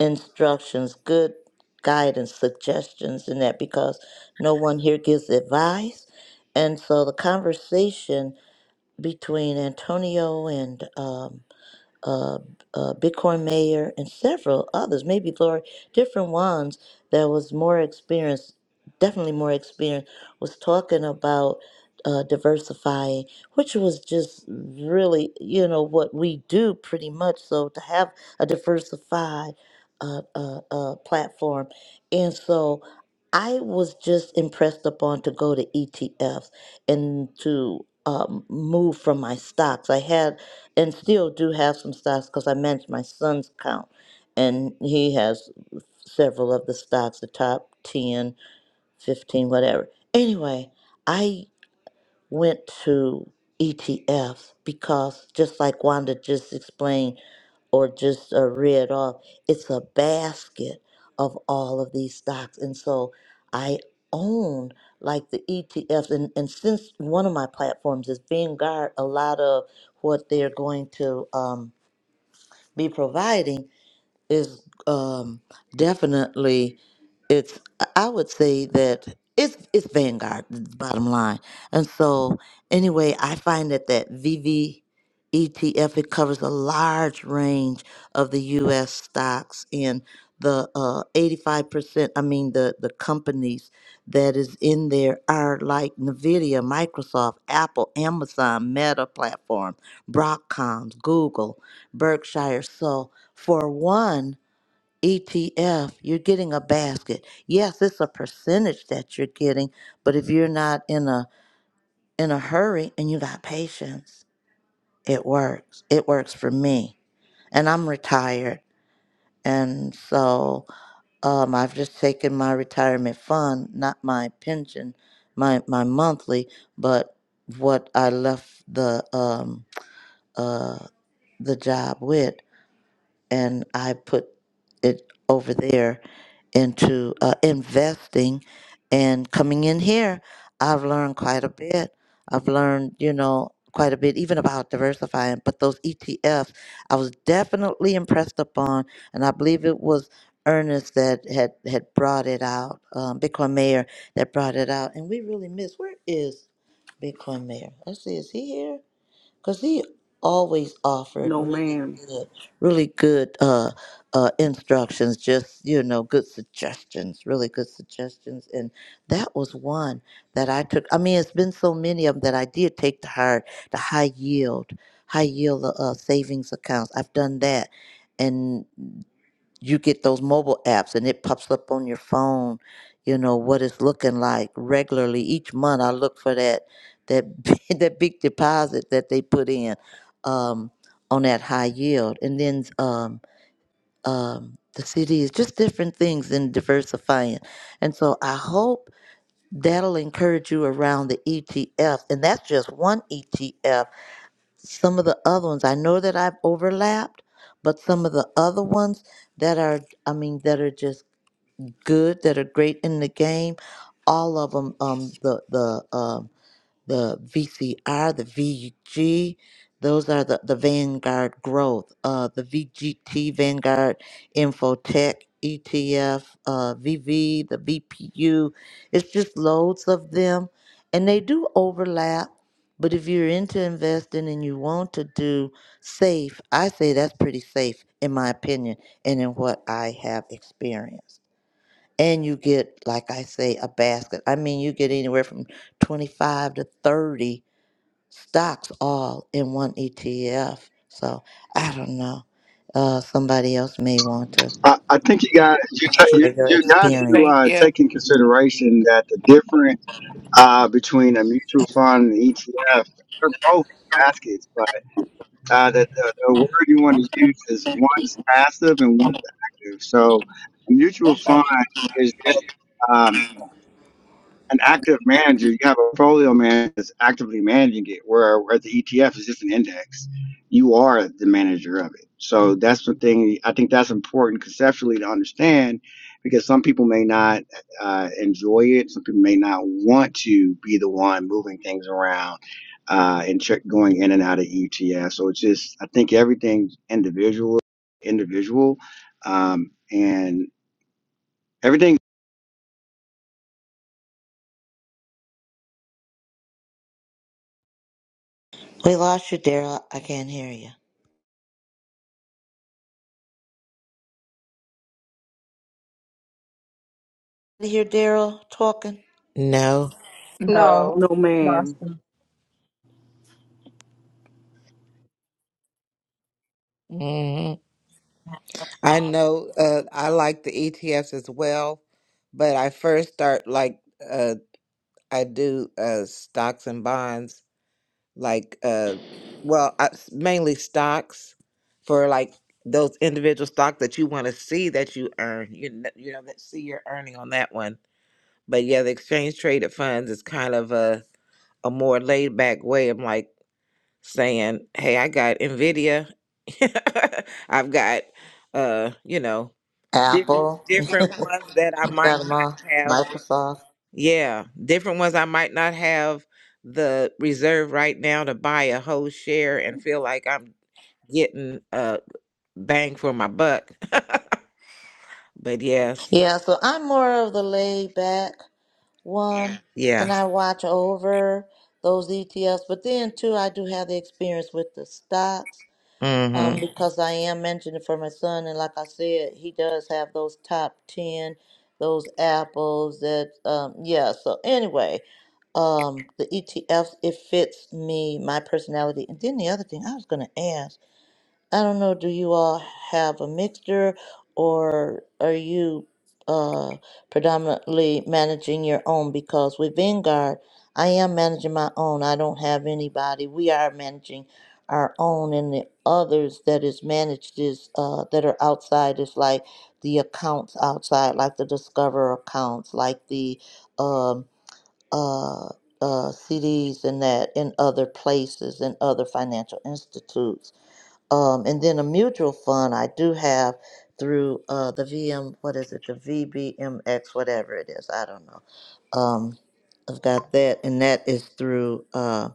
[SPEAKER 1] instructions, good guidance, suggestions, and that because no one here gives advice. And so the conversation between Antonio and, um, uh, uh, Bitcoin Mayor, and several others, maybe Lori, different ones that was more experienced, definitely more experienced, was talking about uh, diversifying, which was just really, you know, what we do pretty much. So to have a diversified uh, uh, uh, platform. And so I was just impressed upon to go to ETFs and to um, move from my stocks. I had and still do have some stocks because I manage my son's account and he has several of the stocks, the top 10, 15, whatever. Anyway, I went to ETFs because just like Wanda just explained or just uh, read off, it's a basket of all of these stocks. And so I own like the ETFs. And, and since one of my platforms is Vanguard, a lot of what they're going to. Um, be providing is um, definitely it's i would say that it's it's vanguard bottom line and so anyway i find that that vv etf it covers a large range of the us stocks in the uh, 85% i mean the the companies that is in there are like nvidia microsoft apple amazon meta platform broadcoms google berkshire so for one ETF, you're getting a basket. Yes, it's a percentage that you're getting, but if you're not in a in a hurry and you got patience, it works. It works for me. And I'm retired. And so um, I've just taken my retirement fund, not my pension, my my monthly, but what I left the um, uh, the job with, and I put it over there into uh, investing and coming in here i've learned quite a bit i've learned you know quite a bit even about diversifying but those etfs i was definitely impressed upon and i believe it was ernest that had had brought it out um, bitcoin mayor that brought it out and we really missed where is bitcoin mayor let's see is he here because he always offered
[SPEAKER 2] no,
[SPEAKER 1] really
[SPEAKER 2] ma'am.
[SPEAKER 1] good, really good uh, uh, instructions, just, you know, good suggestions, really good suggestions. And that was one that I took. I mean, it's been so many of them that I did take to heart the high yield, high yield uh, savings accounts. I've done that. And you get those mobile apps and it pops up on your phone you know what it's looking like regularly each month i look for that that big- that big deposit that they put in um, on that high yield and then um, um, the CDs, just different things in diversifying and so i hope that'll encourage you around the etf and that's just one etf some of the other ones i know that i've overlapped but some of the other ones that are i mean that are just good that are great in the game all of them um the the uh, the VCR, the VG. Those are the, the Vanguard growth, uh, the VGT, Vanguard Infotech, ETF, uh, VV, the VPU. It's just loads of them. And they do overlap. But if you're into investing and you want to do safe, I say that's pretty safe, in my opinion, and in what I have experienced and you get like i say a basket i mean you get anywhere from 25 to 30 stocks all in one etf so i don't know uh, somebody else may want to
[SPEAKER 9] I, I think you got you ta- you,
[SPEAKER 1] share your
[SPEAKER 9] you got
[SPEAKER 1] experience
[SPEAKER 9] to
[SPEAKER 7] Thank
[SPEAKER 9] uh,
[SPEAKER 7] you.
[SPEAKER 9] take in consideration that the difference uh, between a mutual fund and ETF they're both baskets, but uh, the, the, the word you want to use is one's passive and one's active. So a mutual fund is good an active manager, you have a portfolio manager that's actively managing it, where where the ETF is just an index. You are the manager of it. So that's the thing. I think that's important conceptually to understand because some people may not uh, enjoy it. Some people may not want to be the one moving things around uh, and check, going in and out of ETF. So it's just, I think everything's individual, individual. Um, and everything
[SPEAKER 1] we lost you daryl i can't hear you you hear daryl talking
[SPEAKER 4] No.
[SPEAKER 3] No.
[SPEAKER 7] No.
[SPEAKER 2] No,
[SPEAKER 3] Lost.
[SPEAKER 2] ma'am.
[SPEAKER 4] hmm I know uh, I like the ETFs as well, but I first start like uh, I do uh, stocks and bonds, like, uh, well, I, s- mainly stocks for like those individual stock that you want to see that you earn, you, kn- you know, that see your earning on that one. But yeah, the exchange traded funds is kind of a, a more laid back way. I'm like, saying, "Hey, I got Nvidia. I've got uh, you know, different
[SPEAKER 1] apple
[SPEAKER 4] different ones that I might
[SPEAKER 1] got 'em
[SPEAKER 4] not
[SPEAKER 1] all
[SPEAKER 4] have.
[SPEAKER 1] microsoft
[SPEAKER 4] Yeah, different ones I might not have the reserve right now to buy a whole share and feel like I'm getting a bang for my buck." but yes.
[SPEAKER 1] yeah so i'm more of the laid back one and
[SPEAKER 4] Yeah.
[SPEAKER 1] I watch over those ETFs. But then too, I do have the experience with the stocks um,
[SPEAKER 4] Mhm.
[SPEAKER 1] because I am mentioning it for my son, and like I said, he does have those top ten, those apples that um, yeah. So anyway, um, the ETFs it fits me, my personality, and then the other thing I was gonna ask. I don't know, do you all have a mixture or are you uh, predominantly managing your own? Because with Vanguard, I am managing my own. I don't have anybody. We are managing our own, and the others that is managed is uh, that are outside is like the accounts outside, like the Discover accounts, like the um, uh, uh, CDs and that, in other places, and other financial institutes. Um, and then a mutual fund I do have through uh, the VM, what is it, the VBMX, whatever it is, I don't know. Um, I've got that, and that is through uh,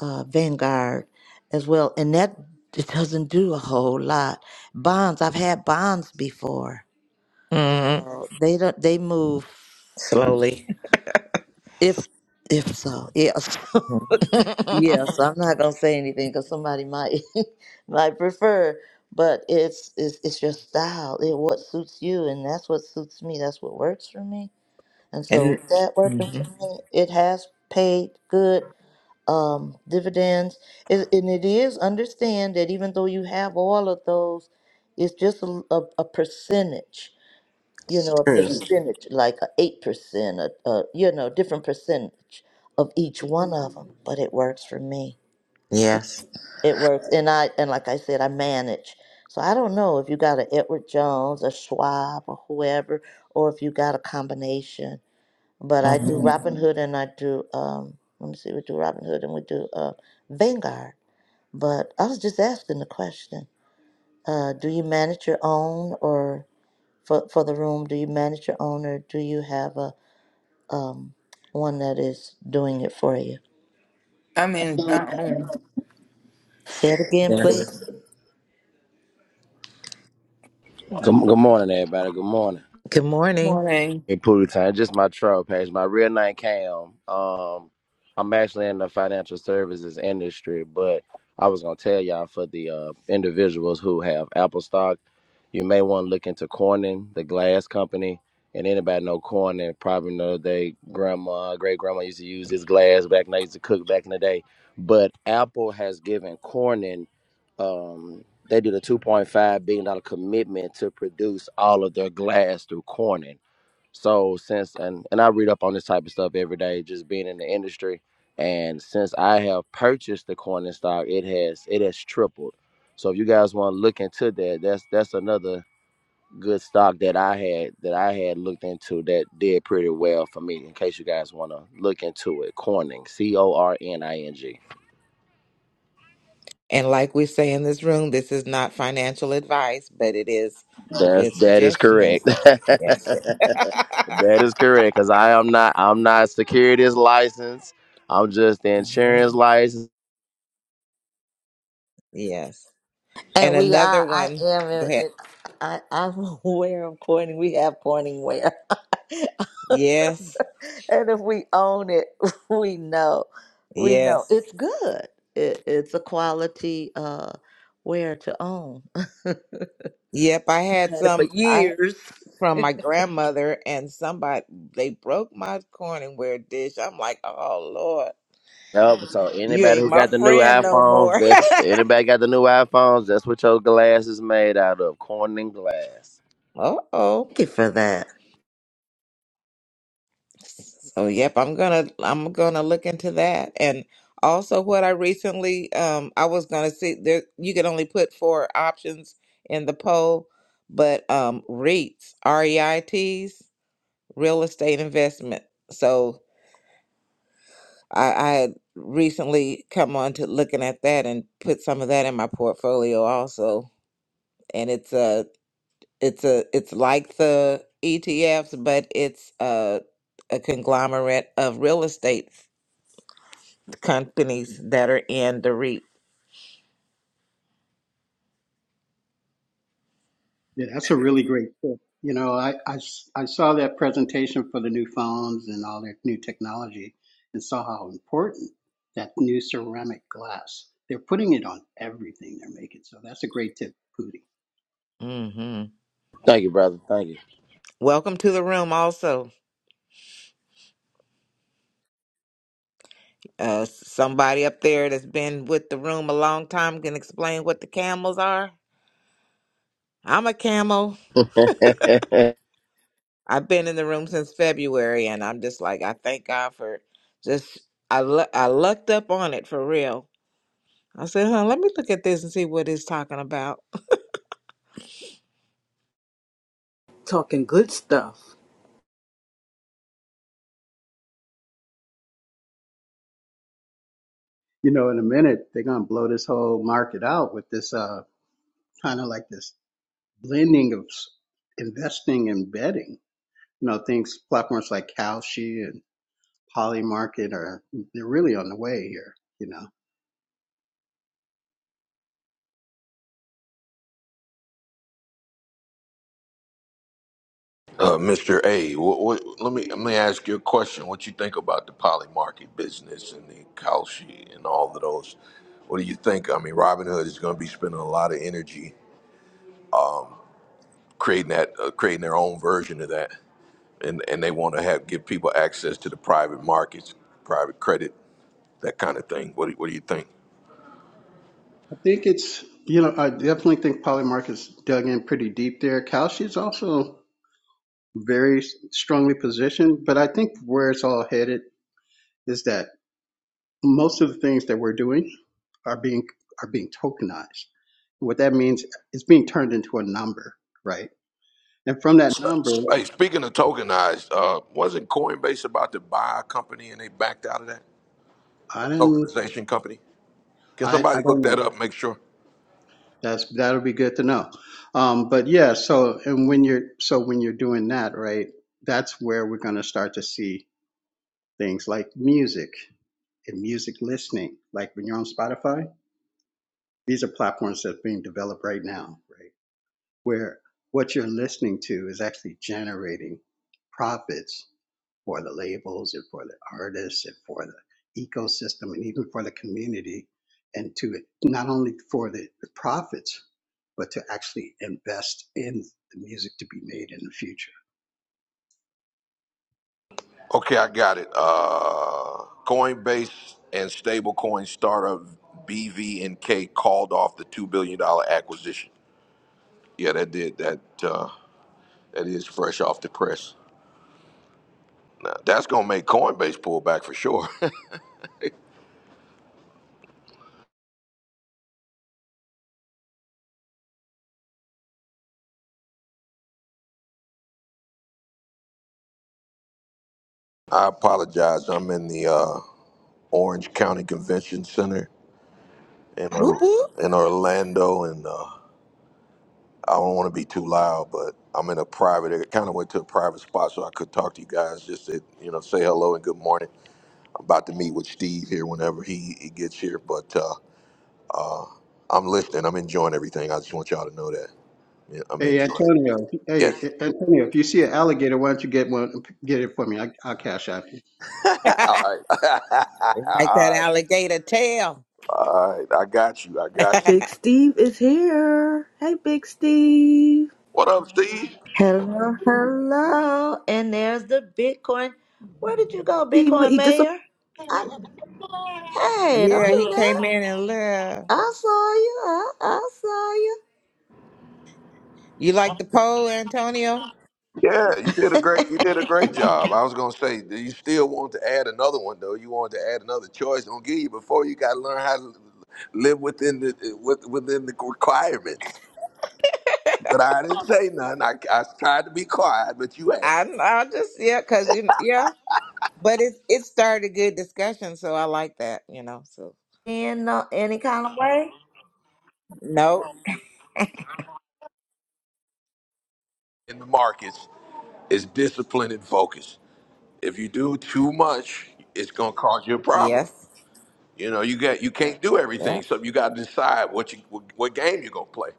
[SPEAKER 1] uh, Vanguard as well. And that it doesn't do a whole lot. Bonds, I've had bonds before.
[SPEAKER 4] Mhm.
[SPEAKER 1] So they don't, they move
[SPEAKER 4] Slowly.
[SPEAKER 1] if if so, yes.
[SPEAKER 4] and
[SPEAKER 1] Yeah, so I'm not gonna say anything because somebody might might prefer, but it's it's it's your style. It what suits you, and that's what suits me. That's what works for me. And so with that working for
[SPEAKER 4] mhm.
[SPEAKER 1] me, it has paid good um, dividends. It, and it is understand that even though you have all of those, it's just a, a, a percentage. You know, a Mm.
[SPEAKER 4] true.
[SPEAKER 1] percentage like a eight percent, a, a you know different percentage of each one of them. But it works for me.
[SPEAKER 4] Yes.
[SPEAKER 1] It works, and I and like I said, I manage. So I don't know if you got a Edward Jones, a Schwab, or whoever, or if you got a combination. But I do
[SPEAKER 4] Mhm.
[SPEAKER 1] Robin Hood, and I do um. Let me see, we do Robin Hood, and we do uh, Vanguard. But I was just asking the question: uh, Do you manage your own, or for for the room, do you manage your own, or do you have a um one that is doing it for you?
[SPEAKER 7] I'm in my own
[SPEAKER 1] Say it again,
[SPEAKER 4] Yes.
[SPEAKER 1] please.
[SPEAKER 10] Good, good morning, everybody. Good morning.
[SPEAKER 4] Good morning.
[SPEAKER 7] morning.
[SPEAKER 10] Hey, Pootie Time, just my troll page. My real name Cam. Um, I'm actually in the financial services industry, but I was gonna tell y'all for the uh, individuals who have Apple stock, you may want to look into Corning, the glass company. And anybody know Corning probably know they grandma, great grandma used to use this glass back when I used to cook back in the day. But Apple has given Corning, um, they did a 2.5 billion dollar commitment to produce all of their glass through Corning. So since and and I read up on this type of stuff every day, just being in the industry. And since I have purchased the coin and stock, it has it has tripled. So if you guys want to look into that, that's that's another good stock that I had that I had looked into that did pretty well for me. In case you guys want to look into it, Corning, C O R N I N G.
[SPEAKER 4] And like we say in this room, this is not financial advice, but it is a
[SPEAKER 10] That's
[SPEAKER 4] good
[SPEAKER 10] that is
[SPEAKER 4] suggestion. And
[SPEAKER 10] correct.
[SPEAKER 4] yes,
[SPEAKER 10] that is correct because I am not I'm not securities licensed. I'm just the
[SPEAKER 4] hmm
[SPEAKER 10] insurance license.
[SPEAKER 4] yes.
[SPEAKER 1] And
[SPEAKER 4] And
[SPEAKER 1] we
[SPEAKER 4] another
[SPEAKER 1] are, I
[SPEAKER 4] one.
[SPEAKER 1] am,
[SPEAKER 4] Go
[SPEAKER 1] it-
[SPEAKER 4] ahead.
[SPEAKER 1] it- I, I'm aware of pointing. We have pointing where.
[SPEAKER 4] Yes,
[SPEAKER 1] and if we own it, we know, we know
[SPEAKER 4] yes,
[SPEAKER 1] it's good. It, it's a quality uh, where to own. I
[SPEAKER 4] yep. I had
[SPEAKER 1] had it for
[SPEAKER 4] some I
[SPEAKER 1] years.
[SPEAKER 4] from
[SPEAKER 1] Thank
[SPEAKER 4] my grandmother, and somebody they broke my Corningware dish. I'm like, oh Lord,
[SPEAKER 10] Yup. So
[SPEAKER 4] you
[SPEAKER 10] anybody
[SPEAKER 4] ain't
[SPEAKER 10] who
[SPEAKER 4] my
[SPEAKER 10] got the new
[SPEAKER 4] friend no
[SPEAKER 10] iPhones,
[SPEAKER 4] more.
[SPEAKER 10] that's anybody got the new iPhones, that's what your glass is made out of. Corn and glass.
[SPEAKER 4] Uh oh.
[SPEAKER 1] you for that.
[SPEAKER 4] So yep, I'm gonna I'm gonna look into that. And also what I recently um I was gonna see there you can only put four options in the poll, but um REITs, R E I T's, real estate investment. So I, I had recently come on to looking at that and put some of that in my portfolio also. And it's a it's a it's like the ETFs, but it's a, a conglomerate of real estate companies that are in the REIT.
[SPEAKER 11] Yeah, that's a really great tip. You know, I, I s- I saw that presentation for the new phones and all their new technology and saw how important that new ceramic glass. They're putting it on everything they're making. So that's a great tip, Pooty.
[SPEAKER 4] hmm
[SPEAKER 10] Thank you, brother. Thank you.
[SPEAKER 4] Welcome to the room. Also, uh, somebody up there that's been with the room a long time can explain what the camels are. I'm a camel.
[SPEAKER 10] hey
[SPEAKER 4] I've been in the room since February, and I'm just like, I thank God for just I lu- I lucked up on it for real. I said, huh, let me look at this and see what it's talking about.
[SPEAKER 2] Talking good stuff.
[SPEAKER 11] You know, in a minute, they're going to blow this whole market out with this uh, kind of like this blending of s- investing and betting. You know, things, platforms like Kalshi and Polymarket are, they're really on the way here, you know.
[SPEAKER 12] Uh, Mr. A, what, what, let me let me ask you a question. What you think about the poly market business and the Kalshi and all of those? What do you think? I mean, Robinhood is going to be spending a lot of energy creating that, uh, creating their own version of that, and and they want to have give people access to the private markets, private credit, that kind of thing. What do, what do you think?
[SPEAKER 11] I think it's you know I definitely think Polymark has dug in pretty deep there. Kalshi is also very strongly positioned, but I think where it's all headed is that most of the things that we're doing are being are being tokenized. What that means is being turned into a number, right? And from that number,
[SPEAKER 12] Hey, speaking of tokenized, uh, wasn't Coinbase about to buy a company and they backed out of that? A
[SPEAKER 11] I didn't
[SPEAKER 12] tokenization company? Can
[SPEAKER 11] I, I
[SPEAKER 12] somebody look
[SPEAKER 11] don't
[SPEAKER 12] that
[SPEAKER 11] know.
[SPEAKER 12] up? Make sure.
[SPEAKER 11] That's that'll be good to know. Um, but yeah, so and when you're so when you're doing that, right? That's where we're going to start to see Things like music and music listening, like when you're on Spotify, these are platforms that are being developed right now, right? Where what you're listening to is actually generating profits for the labels and for the artists and for the ecosystem and even for the community and to not only for the, the profits, but to actually invest in the music to be made in the future.
[SPEAKER 12] Okay, I got it. Uh, Coinbase and stablecoin startup BVNK called off the two billion dollar acquisition. Yeah, that did that. Uh, that is fresh off the press. Now, that's gonna make Coinbase pull back for sure. I apologize. I'm in the uh, Orange County Convention Center in
[SPEAKER 4] Whoop
[SPEAKER 12] Or-
[SPEAKER 4] whoop.
[SPEAKER 12] in Orlando, and uh, I don't want to be too loud, but I'm in a private. I kind of went to a private spot, so I could talk to you guys. Just to, you know, say hello and good morning. about to meet with Steve here whenever he, he gets here, but uh, uh, I'm listening. I'm enjoying everything. I just want y'all to know that. Yeah, I'm
[SPEAKER 11] Hey
[SPEAKER 12] enjoying it.
[SPEAKER 11] Antonio, hey
[SPEAKER 12] Yes.
[SPEAKER 11] Antonio, if you see an alligator, why don't you get one? Get it for me. I, I'll cash out.
[SPEAKER 4] it's
[SPEAKER 12] All right.
[SPEAKER 4] like
[SPEAKER 12] All
[SPEAKER 4] that
[SPEAKER 12] right.
[SPEAKER 4] alligator tail.
[SPEAKER 12] All right. I got you. I got you.
[SPEAKER 2] Big Steve is here. Hey, Big Steve.
[SPEAKER 12] What up, Steve?
[SPEAKER 1] Hello, hello. And there's the Bitcoin. Where did you go,
[SPEAKER 2] He
[SPEAKER 1] Bitcoin
[SPEAKER 2] he dis-
[SPEAKER 1] Mayor? I, hey, don't
[SPEAKER 4] yeah, he
[SPEAKER 1] do
[SPEAKER 4] came
[SPEAKER 1] that.
[SPEAKER 4] in and left.
[SPEAKER 1] I saw you. I, I saw
[SPEAKER 4] You like the poll, Antonio?
[SPEAKER 12] Yeah, you did a
[SPEAKER 1] you.
[SPEAKER 12] great you did a great job. I was gonna say, do you still want to add another one though? You wanted to add another choice. Don't give you before you gotta learn how to live within the with- within the requirements. But I didn't say nothing. I, I tried to be quiet, but you asked.
[SPEAKER 4] I I just yeah, cause you yeah, but it it started a good discussion, so I like that, you know. So
[SPEAKER 1] in uh, any kind of way?
[SPEAKER 4] no,
[SPEAKER 12] in the markets is discipline and focus. If you do too much, it's gonna cause you a problem.
[SPEAKER 4] yes,
[SPEAKER 12] You know, you got you can't do
[SPEAKER 4] yeah,
[SPEAKER 12] everything, so you got to decide what you what, what game you're gonna play.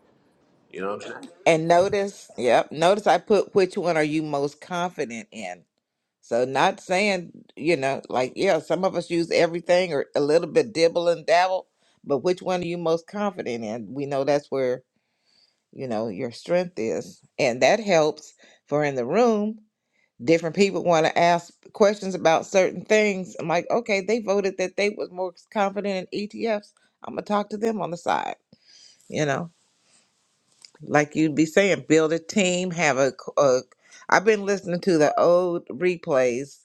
[SPEAKER 12] You know what I'm saying?
[SPEAKER 4] and notice, yep, notice I put which one are you most confident in. So not saying you know like yeah, some of us use everything or a little bit dibble and dabble, but which one are you most confident in? We know that's where you know your strength is, and that helps for in the room different people want to ask questions about certain things. I'm like, okay, they voted that they was more confident in ETFs. I'm gonna talk to them on the side. You know, like you'd be saying, build a team, have a. c- a- I've been listening to the old replays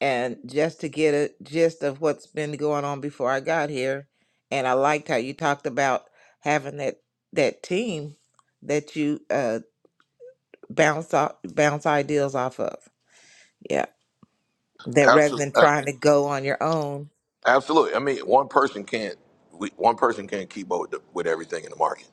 [SPEAKER 4] and just to get a gist of what's been going on before I got here, and I liked how you talked about having that that team that you uh bounce off bounce ideas off of. Yeah. That rather than
[SPEAKER 12] Absolutely,
[SPEAKER 4] trying to go on your own.
[SPEAKER 12] absolutely. I mean, one person can't we, one person can't keep up with, the, with everything in the market.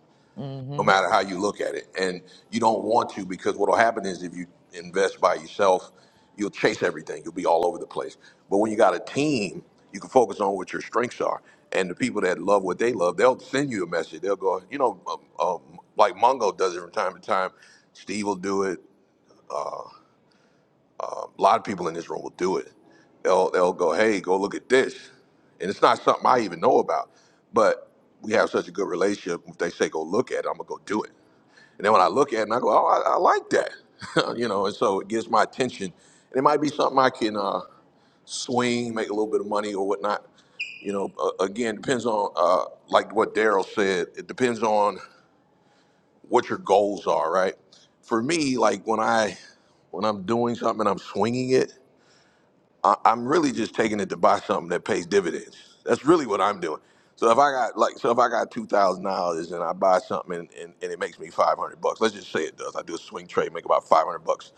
[SPEAKER 12] no
[SPEAKER 4] hmm
[SPEAKER 12] matter how you look at it. And you don't want to because what will happen is if you invest by yourself, you'll chase everything. You'll be all over the place. But when you got a team, you can focus on what your strengths are. And the people that love what they love, they'll send you a message. They'll go, you know, um, um, like Mongo does it from time to time. Steve will do it. A lot of people in this room will do it. They'll, they'll go, hey, go look at this. And it's not something I even know about. But we have such a good relationship. If they say go look at it, I'm going to go do it and then when I look at it, and I go, oh, I, I like that, you know, and so it gets my attention. And it might be something I can uh, swing, make a little bit of money or whatnot. You know, uh, again, depends on, uh, like what Daryl said, it depends on what your goals are, right? For me, like when I, when I'm doing something and I'm swinging it, I- I'm really just taking it to buy something that pays dividends. That's really what I'm doing. So if I got like, so if I got two thousand dollars and I buy something and, and, and it makes me five hundred bucks, let's just say it does. I do a swing trade, make about five hundred bucks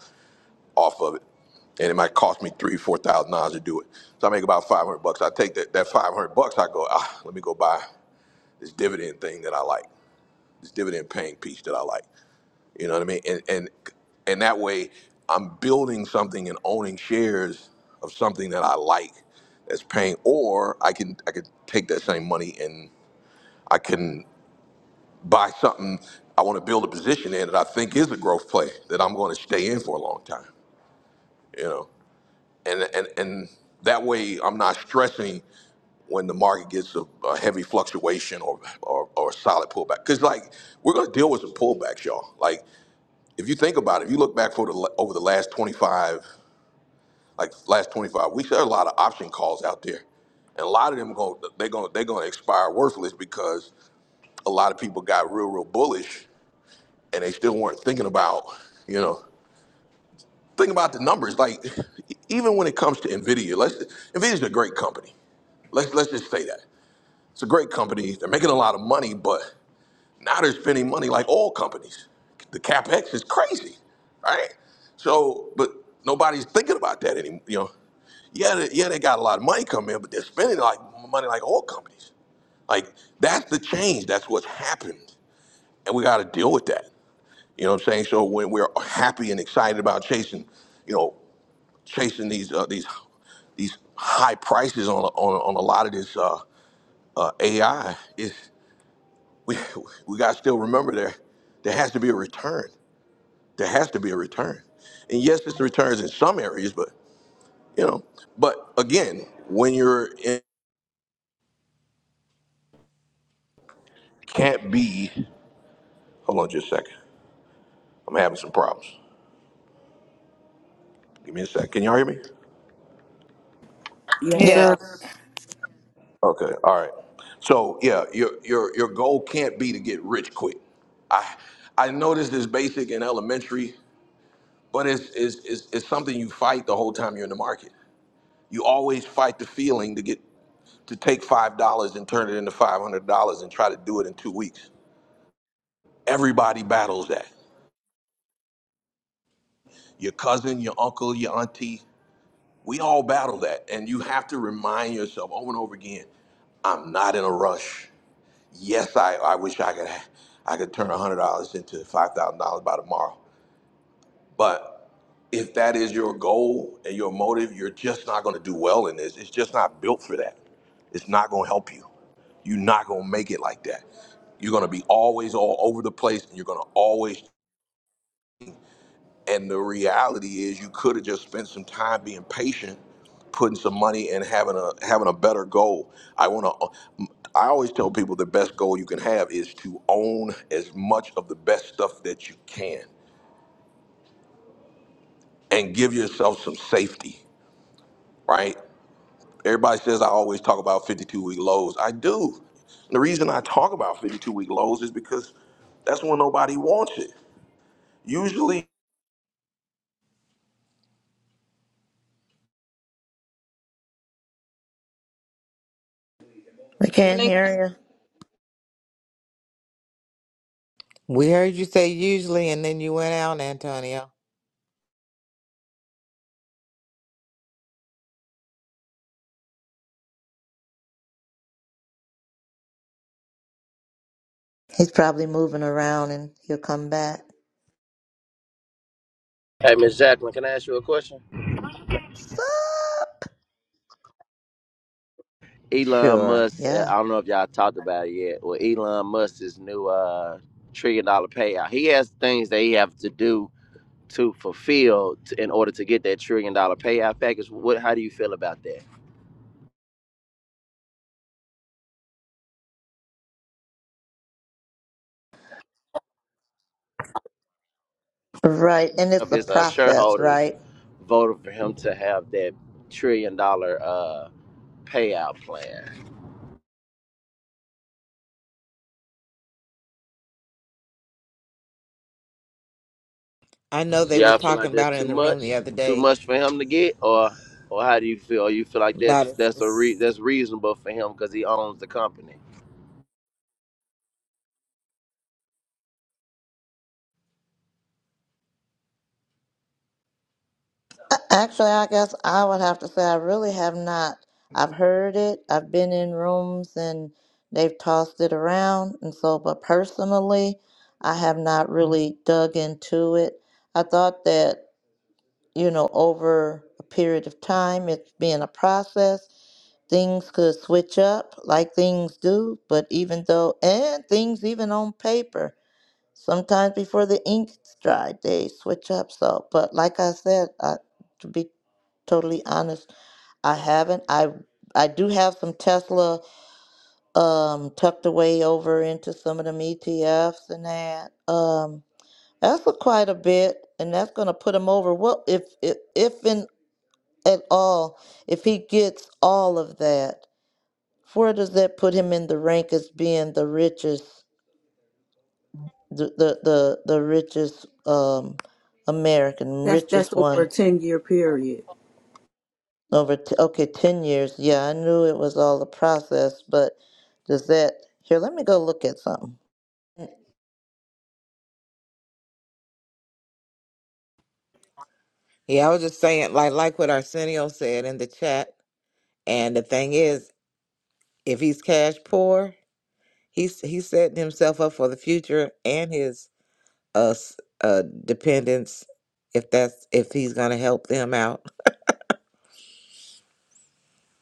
[SPEAKER 12] off of it, and it might cost me three, four thousand dollars to do it. So I make about five hundred bucks. I take that that five hundred bucks. I go, ah, let me go buy this dividend thing that I like, this dividend paying piece that I like. You know what I mean? And and and that way, I'm building something and owning shares of something that I like that's paying. Or I can I could take that same money and I can buy something I want to build a position in that I think is a growth play that I'm going to stay in for a long time. You know, and and and that way I'm not stressing when the market gets a, a heavy fluctuation or, or or a solid pullback. Because like we're gonna deal with some pullbacks, y'all. Like if you think about it, if you look back for the over the last 25, like last 25 weeks, there are a lot of option calls out there, and a lot of them going they're going they're going to expire worthless because a lot of people got real real bullish and they still weren't thinking about you know think about the numbers like e- even when it comes to Nvidia, let's Nvidia's a great company. Let's let's just say that it's a great company. They're making a lot of money, but Now they're spending money like oil companies. The capex is crazy, right? So, but nobody's thinking about that anymore. You know, yeah, they, yeah, they got a lot of money coming in, but they're spending like money like oil companies. Like that's the change. That's what's happened, and we got to deal with that. You know what I'm saying? So when we're happy and excited about chasing, you know, chasing these uh, these these high prices on on, on a lot of this uh, uh, AI, we we got to still remember there there has to be a return there has to be a return and yes it's returns in some areas but you know but again when you're in can't be hold on just a second i'm having some problems give me a sec can y'all hear me
[SPEAKER 2] Yes,
[SPEAKER 7] Yeah.
[SPEAKER 2] sir.
[SPEAKER 1] Yes.
[SPEAKER 12] okay all right so yeah your your your goal can't be to get rich quick i i know this is basic and elementary but it's it's it's, it's something you fight the whole time you're in the market you always fight the feeling to get to take five dollars and turn it into five hundred dollars and try to do it in two weeks. Everybody battles that. Your cousin, your uncle, your auntie, we all battle that. And you have to remind yourself over and over again, I'm not in a rush. Yes, I, I wish I could I could turn one hundred dollars into five thousand dollars by tomorrow. But if that is your goal and your motive, you're just not going to do well in this. It's just not built for that. It's not going to help you. You're not going to make it like that. You're going to be always all over the place and you're going to always. And the reality is, you could have just spent some time being patient, putting some money and having a having a better goal. I want to. I always tell people the best goal you can have is to own as much of the best stuff that you can and give yourself some safety, right? Everybody says I always talk about 52 week lows. I do. The reason I talk about 52 week lows is because that's when nobody wants it. Usually,
[SPEAKER 1] We can't hear you.
[SPEAKER 4] We heard you say usually, and then you went out, Antonio.
[SPEAKER 1] He's probably moving around and he'll come back.
[SPEAKER 10] Miss Jacqueline, can I ask you a question?
[SPEAKER 1] Sup?
[SPEAKER 10] Elon
[SPEAKER 1] Sure,
[SPEAKER 10] Musk, uh,
[SPEAKER 1] yeah.
[SPEAKER 10] I don't know if y'all talked about it yet. Well, Elon Musk's new uh trillion dollar payout. He has things that he have to do to fulfill t- in order to get that trillion dollar payout package. What how do you feel about that?
[SPEAKER 1] Right, and
[SPEAKER 10] Of
[SPEAKER 1] it's a
[SPEAKER 10] his uh,
[SPEAKER 1] process,
[SPEAKER 10] shareholders
[SPEAKER 1] right?
[SPEAKER 10] voted for him to have that trillion dollar uh, payout plan.
[SPEAKER 4] I know
[SPEAKER 10] Do
[SPEAKER 4] they
[SPEAKER 10] y'all
[SPEAKER 4] was
[SPEAKER 10] feel like
[SPEAKER 4] talking
[SPEAKER 10] that's
[SPEAKER 4] about it
[SPEAKER 10] too
[SPEAKER 4] in the room
[SPEAKER 10] much?
[SPEAKER 4] the other
[SPEAKER 10] Too
[SPEAKER 4] day.
[SPEAKER 10] much for him to get, or or how do you feel? Or you feel like
[SPEAKER 4] About
[SPEAKER 10] that's
[SPEAKER 4] it.
[SPEAKER 10] that's a re- that's reasonable for him because he owns the company?
[SPEAKER 1] A- Actually, I guess I would have to say I really have not. I've heard it, I've been in rooms and they've tossed it around, and so, but personally, I have not really dug into it. I thought that, you know, over a period of time, it's been a process things could switch up like things do, but even though, and things even on paper, sometimes before the ink's dried, they switch up. So, but like I said, I, to be totally honest, I haven't. I I do have some Tesla um, tucked away over into some of them ETFs and that. Um, that's a quite a bit, and that's going to put him over. Well, if if if in at all, if he gets all of that. Where does that put him in the rank as being the richest, the the the, the richest um, American,
[SPEAKER 2] That's that's
[SPEAKER 1] richest
[SPEAKER 2] over a
[SPEAKER 1] one
[SPEAKER 2] ten year period.
[SPEAKER 1] over? T- okay, ten years. Yeah, I knew it was all the process, but does that here? Let me go look at something.
[SPEAKER 4] Yeah, I was just saying, like, like what Arsenio said in the chat. And the thing is, if he's cash poor, he's he's setting himself up for the future and his uh, s- uh dependents. If that's if he's gonna help them out.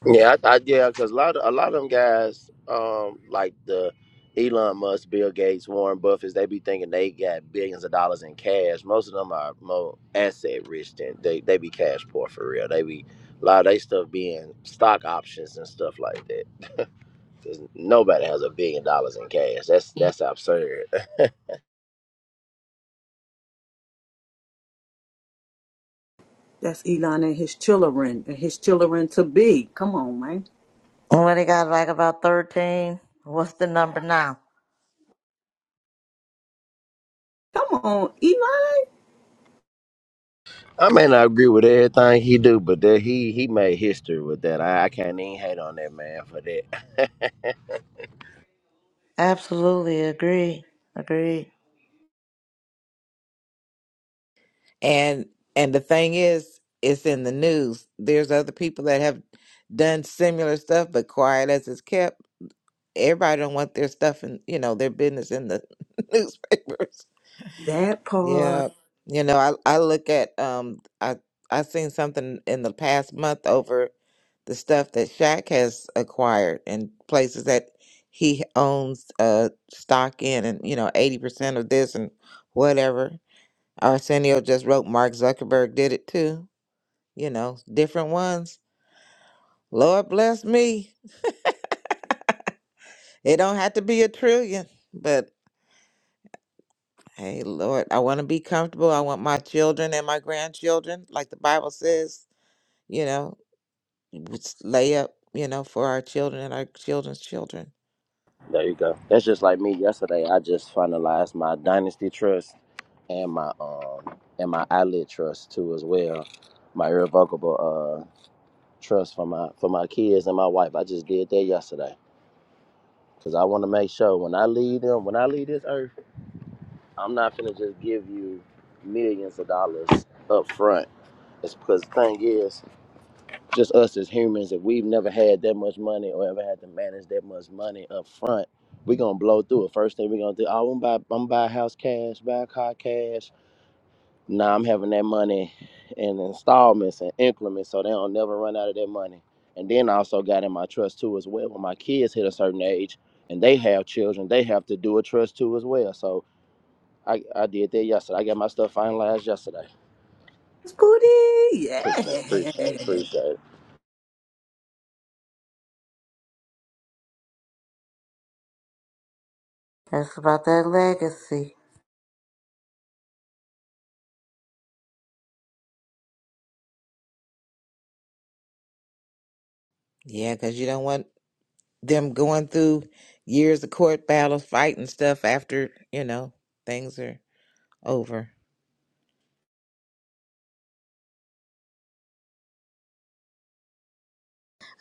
[SPEAKER 10] Yeah, I, I, yeah, because a lot of a lot of them guys, um, like the Elon Musk, Bill Gates, Warren Buffett, they be thinking they got billions of dollars in cash. Most of them are more asset rich than they they be cash poor for real. They be a lot of they stuff being stock options and stuff like that. 'Cause nobody has a billion dollars in cash. That's that's absurd.
[SPEAKER 2] That's Elon and his children and his children to be. Come on, man.
[SPEAKER 1] What he got like about thirteen? What's the number now?
[SPEAKER 2] Come on, Elon.
[SPEAKER 10] I may not agree with everything he do, but that he he made history with that. I, I can't even hate on that man for that.
[SPEAKER 1] Absolutely agree. Agree.
[SPEAKER 4] and and the thing is it's in the news there's other people that have done similar stuff but quiet as it's kept everybody don't want their stuff and you know their business in the newspapers
[SPEAKER 2] That
[SPEAKER 4] yeah
[SPEAKER 2] part.
[SPEAKER 4] you know i i look at um i i seen something in the past month over the stuff that Shaq has acquired and places that he owns uh stock in and you know 80% of this and whatever Arsenio just wrote Mark Zuckerberg did it too. You know, different ones. Lord bless me. It don't have to be a trillion, but hey, Lord, I want to be comfortable. I want my children and my grandchildren, like the Bible says, you know, let's lay up, you know, for our children and our children's children.
[SPEAKER 10] there you go. That's just like me. Yesterday, I just finalized my dynasty trust and my um and my eyelid trust too as well. My irrevocable uh trust for my for my kids and my wife. I just did that yesterday because I want to make sure when I leave them, when I leave this earth. I'm not finna just give you millions of dollars up front. It's because the thing is, just us as humans, if we've never had that much money or ever had to manage that much money up front, we gonna blow through it. First thing we gonna do, oh, I'm buy, I'm gonna buy a house cash, buy a car cash. Now I'm having that money in installments and increments, so they don't never run out of that money. And then I also got in my trust too as well. When my kids hit a certain age and they have children, they have to do a trust too as well. So I, I did that yesterday. I got my stuff finalized yesterday.
[SPEAKER 2] That's booty.
[SPEAKER 10] Appreciate it. Appreciate it.
[SPEAKER 2] Yeah.
[SPEAKER 10] Appreciate it.
[SPEAKER 1] That's about that legacy.
[SPEAKER 4] Yeah, because you don't want them going through years of court battles, fighting stuff after, you know, things are over.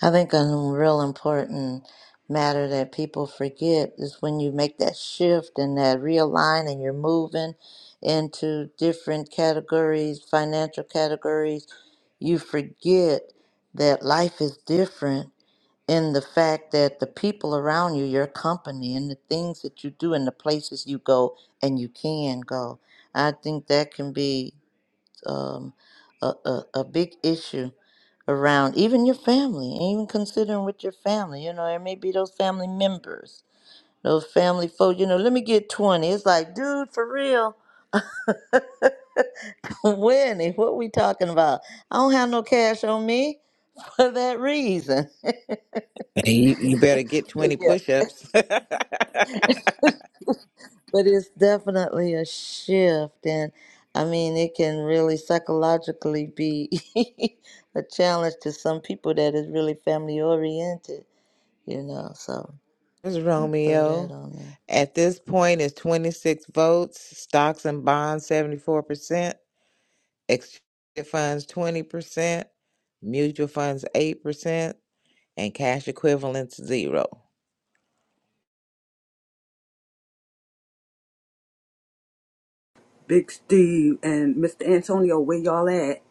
[SPEAKER 1] I think a real important matter that people forget is when you make that shift and that realign and you're moving into different categories, financial categories, you forget that life is different in the fact that the people around you, your company, and the things that you do, and the places you go, and you can go. I think that can be um, a, a, a big issue around even your family, and even considering with your family. You know, it may be those family members, those family folks. You know, let me get twenty. It's like, dude, for real, Winnie, what we talking about? I don't have no cash on me for that reason.
[SPEAKER 4] Hey, you, you better get
[SPEAKER 1] but
[SPEAKER 4] 20
[SPEAKER 1] yeah,
[SPEAKER 4] push ups.
[SPEAKER 1] but it's definitely a shift, and I mean, it can really psychologically be a challenge to some people that is really family oriented you know, so
[SPEAKER 4] It's
[SPEAKER 1] throw that
[SPEAKER 4] Romeo.
[SPEAKER 1] on there.
[SPEAKER 4] At this point, it's 26 votes, stocks and bonds 74%, exchange funds 20%, mutual funds 8%, and cash equivalents 0.
[SPEAKER 2] Big Steve and Mr. Antonio, where y'all at?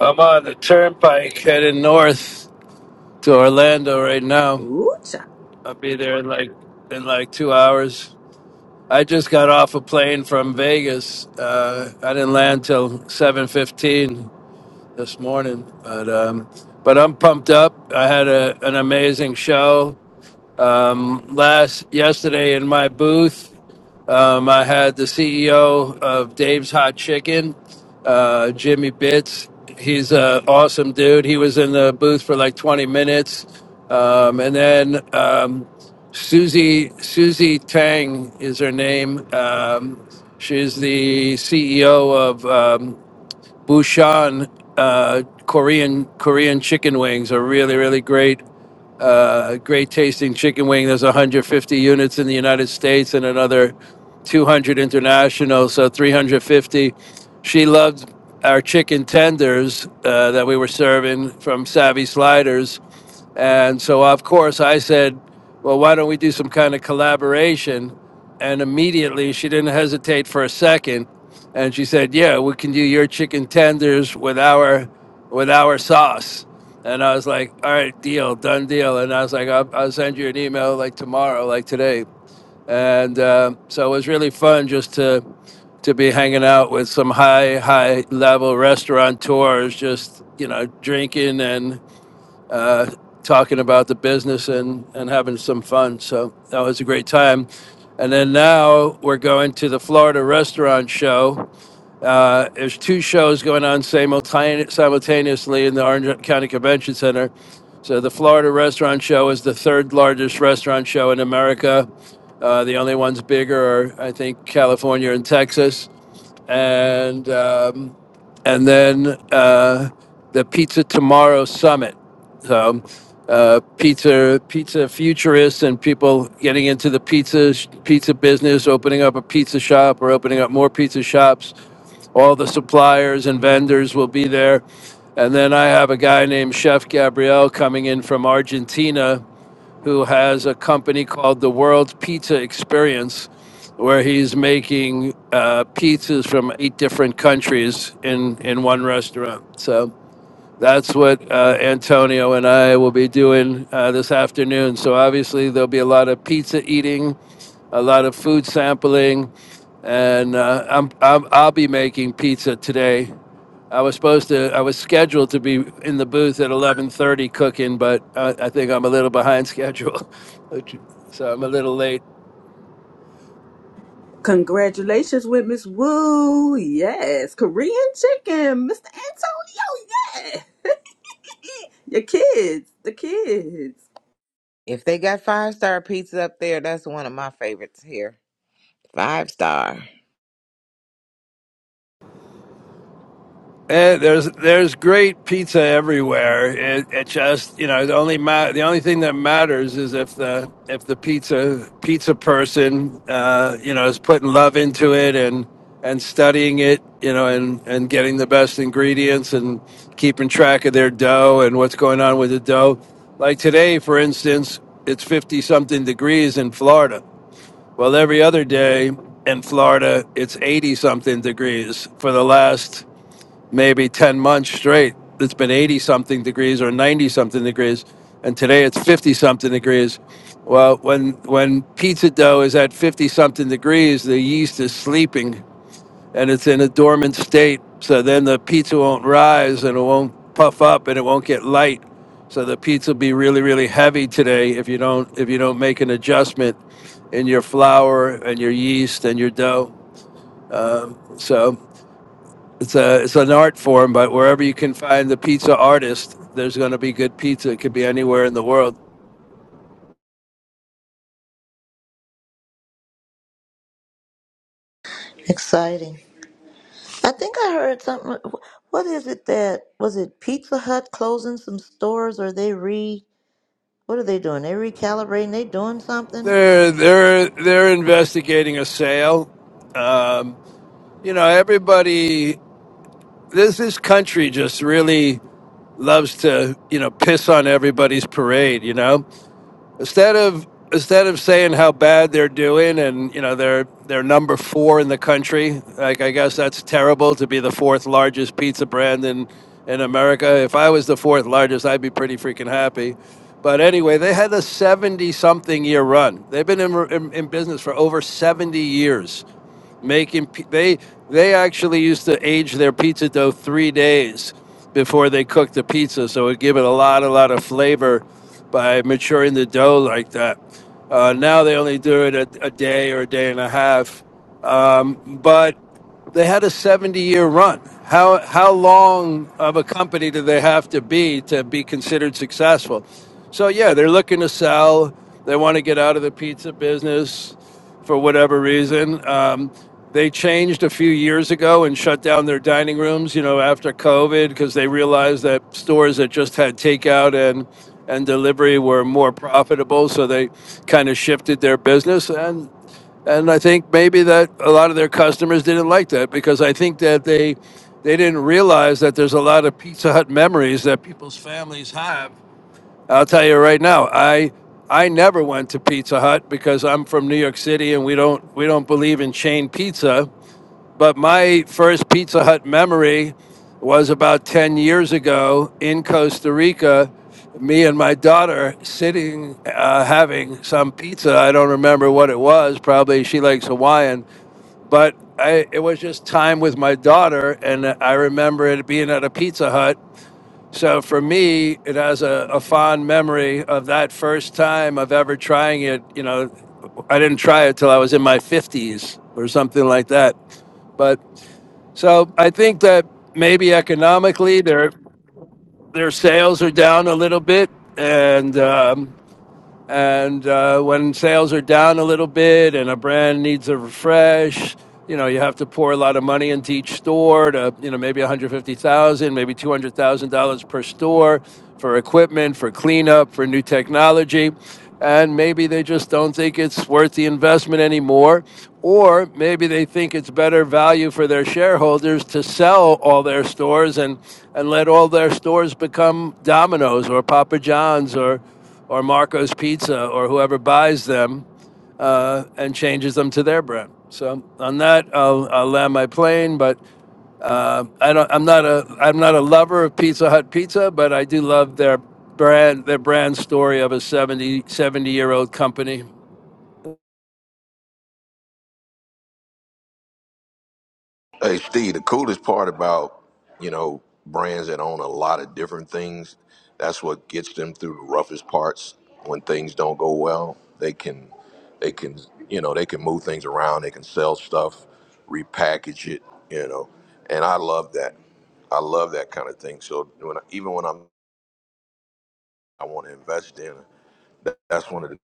[SPEAKER 13] I'm on the turnpike heading north to Orlando right now.
[SPEAKER 2] Ooh,
[SPEAKER 13] I'll be there in like in like two hours. I just got off a plane from Vegas. Uh, I didn't land till seven fifteen this morning, but um, but I'm pumped up. I had a, an amazing show. Um, last yesterday in my booth, um, I had the CEO of Dave's Hot Chicken, uh, Jimmy Bitts. He's an awesome dude. He was in the booth for like 20 minutes, um, and then um, Susie Susie Tang is her name. Um, she's the CEO of um, Bushan uh, Korean Korean chicken wings. Are really really great uh, great tasting chicken wing. There's 150 units in the United States and another 200 international, so 350. She loved our chicken tenders uh, that we were serving from Savvy Sliders, and so, of course, I said, Well, why don't we do some kind of collaboration? And immediately she didn't hesitate for a second. And she said, Yeah, we can do your chicken tenders with our, with our sauce. And I was like, All right, deal, done deal. And I was like, I'll, I'll send you an email like tomorrow, like today. And uh, so it was really fun just to, to be hanging out with some high, high level restaurateurs, just, you know, drinking and uh, talking about the business and, and having some fun. So that was a great time. And then now we're going to the Florida Restaurant Show. Uh, there's two shows going on simultane- simultaneously in the Orange County Convention Center. So the Florida Restaurant Show is the third largest restaurant show in America. Uh, the only ones bigger are, I think, California and Texas. And um, and then uh, the Pizza Tomorrow Summit. So, uh, pizza pizza futurists and people getting into the pizza pizza business, opening up a pizza shop or opening up more pizza shops. All the suppliers and vendors will be there, and then I have a guy named Chef Gabriel coming in from Argentina who has a company called the World Pizza Experience, where he's making uh, pizzas from eight different countries in, in one restaurant. So that's what uh, Antonio and I will be doing uh, this afternoon. So obviously, there'll be a lot of pizza eating, a lot of food sampling, and uh, I'm, I'm, I'll be making pizza today I was supposed to, I was scheduled to be in the booth at 11:30 cooking, but I, I think I'm a little behind schedule, which- so I'm a little late.
[SPEAKER 2] Congratulations with Miss Wu. Yes. Korean chicken, Mr. Antonio. Yeah. Your kids, the kids.
[SPEAKER 4] If they got five star pizza up there, that's one of my favorites here. Five star.
[SPEAKER 13] Eh, there's there's great pizza everywhere. It, it just you know the only ma- the only thing that matters is if the if the pizza pizza person uh, you know is putting love into it and and studying it you know and and getting the best ingredients and keeping track of their dough and what's going on with the dough. Like today, for instance, it's fifty something degrees in Florida. Well, every other day in Florida, it's eighty something degrees for the last maybe 10 months straight it's been 80 something degrees or 90 something degrees and today it's 50 something degrees well when when pizza dough is at 50 something degrees the yeast is sleeping and it's in a dormant state so then the pizza won't rise and it won't puff up and it won't get light so the pizza will be really really heavy today if you don't if you don't make an adjustment in your flour and your yeast and your dough Um so it's a it's an art form, but wherever you can find the pizza artist, there's going to be good pizza. It could be anywhere in the world.
[SPEAKER 1] Exciting. I think I heard something. What is it that was it Pizza Hut closing some stores or they re what are they doing? They recalibrating, they doing something?
[SPEAKER 13] They're they're they're investigating a sale. Um, you know, everybody. This this country just really loves to you know piss on everybody's parade. You know, instead of instead of saying how bad they're doing and you know they're they're number four in the country like i guess that's terrible to be the fourth largest pizza brand in in america if i was the fourth largest i'd be pretty freaking happy but anyway they had a 70 something year run they've been in, in, in business for over 70 years making pi- they they actually used to age their pizza dough three days before they cooked the pizza, so it gave it a lot a lot of flavor by maturing the dough like that. Uh, now they only do it a, a day or a day and a half, um, but they had a 70 year run. How, how long of a company do they have to be to be considered successful? So, yeah, they're looking to sell. They want to get out of the pizza business for whatever reason. Um, they changed a few years ago and shut down their dining rooms, you know, after COVID because they realized that stores that just had takeout and and delivery were more profitable, so they kind of shifted their business. And and I think maybe that a lot of their customers didn't like that because I think that they they didn't realize that there's a lot of Pizza Hut memories that people's families have. I'll tell you right now, I I never went to Pizza Hut because I'm from New York City and we don't we don't believe in chain pizza. But my first Pizza Hut memory was about 10 years ago in Costa Rica. Me and my daughter sitting, uh, having some pizza. I don't remember what it was. Probably she likes Hawaiian, but I, it was just time with my daughter. And I remember it being at a Pizza Hut. So for me, it has a, a fond memory of that first time of ever trying it, you know, I didn't try it till I was in my 50s or something like that. But so I think that maybe economically their their sales are down a little bit, and um, and uh, when sales are down a little bit and a brand needs a refresh, you know, you have to pour a lot of money into each store to, you know, maybe 150,000, maybe $200,000 per store for equipment, for cleanup, for new technology. And maybe they just don't think it's worth the investment anymore. Or maybe they think it's better value for their shareholders to sell all their stores and, and let all their stores become Domino's or Papa John's or, or Marco's Pizza or whoever buys them uh, and changes them to their brand. So on that, I'll, I'll land my plane. But uh, I don't, I'm not a I'm not a lover of Pizza Hut pizza, but I do love their brand their brand story of a 70 70 year old company.
[SPEAKER 12] Hey, Steve, the coolest part about, you know, brands that own a lot of different things, that's what gets them through the roughest parts when things don't go well. They can, they can, you know, they can move things around. They can sell stuff, repackage it, you know, and I love that. I love that kind of thing. So when I, even when I'm I want to invest in. That, that's one of the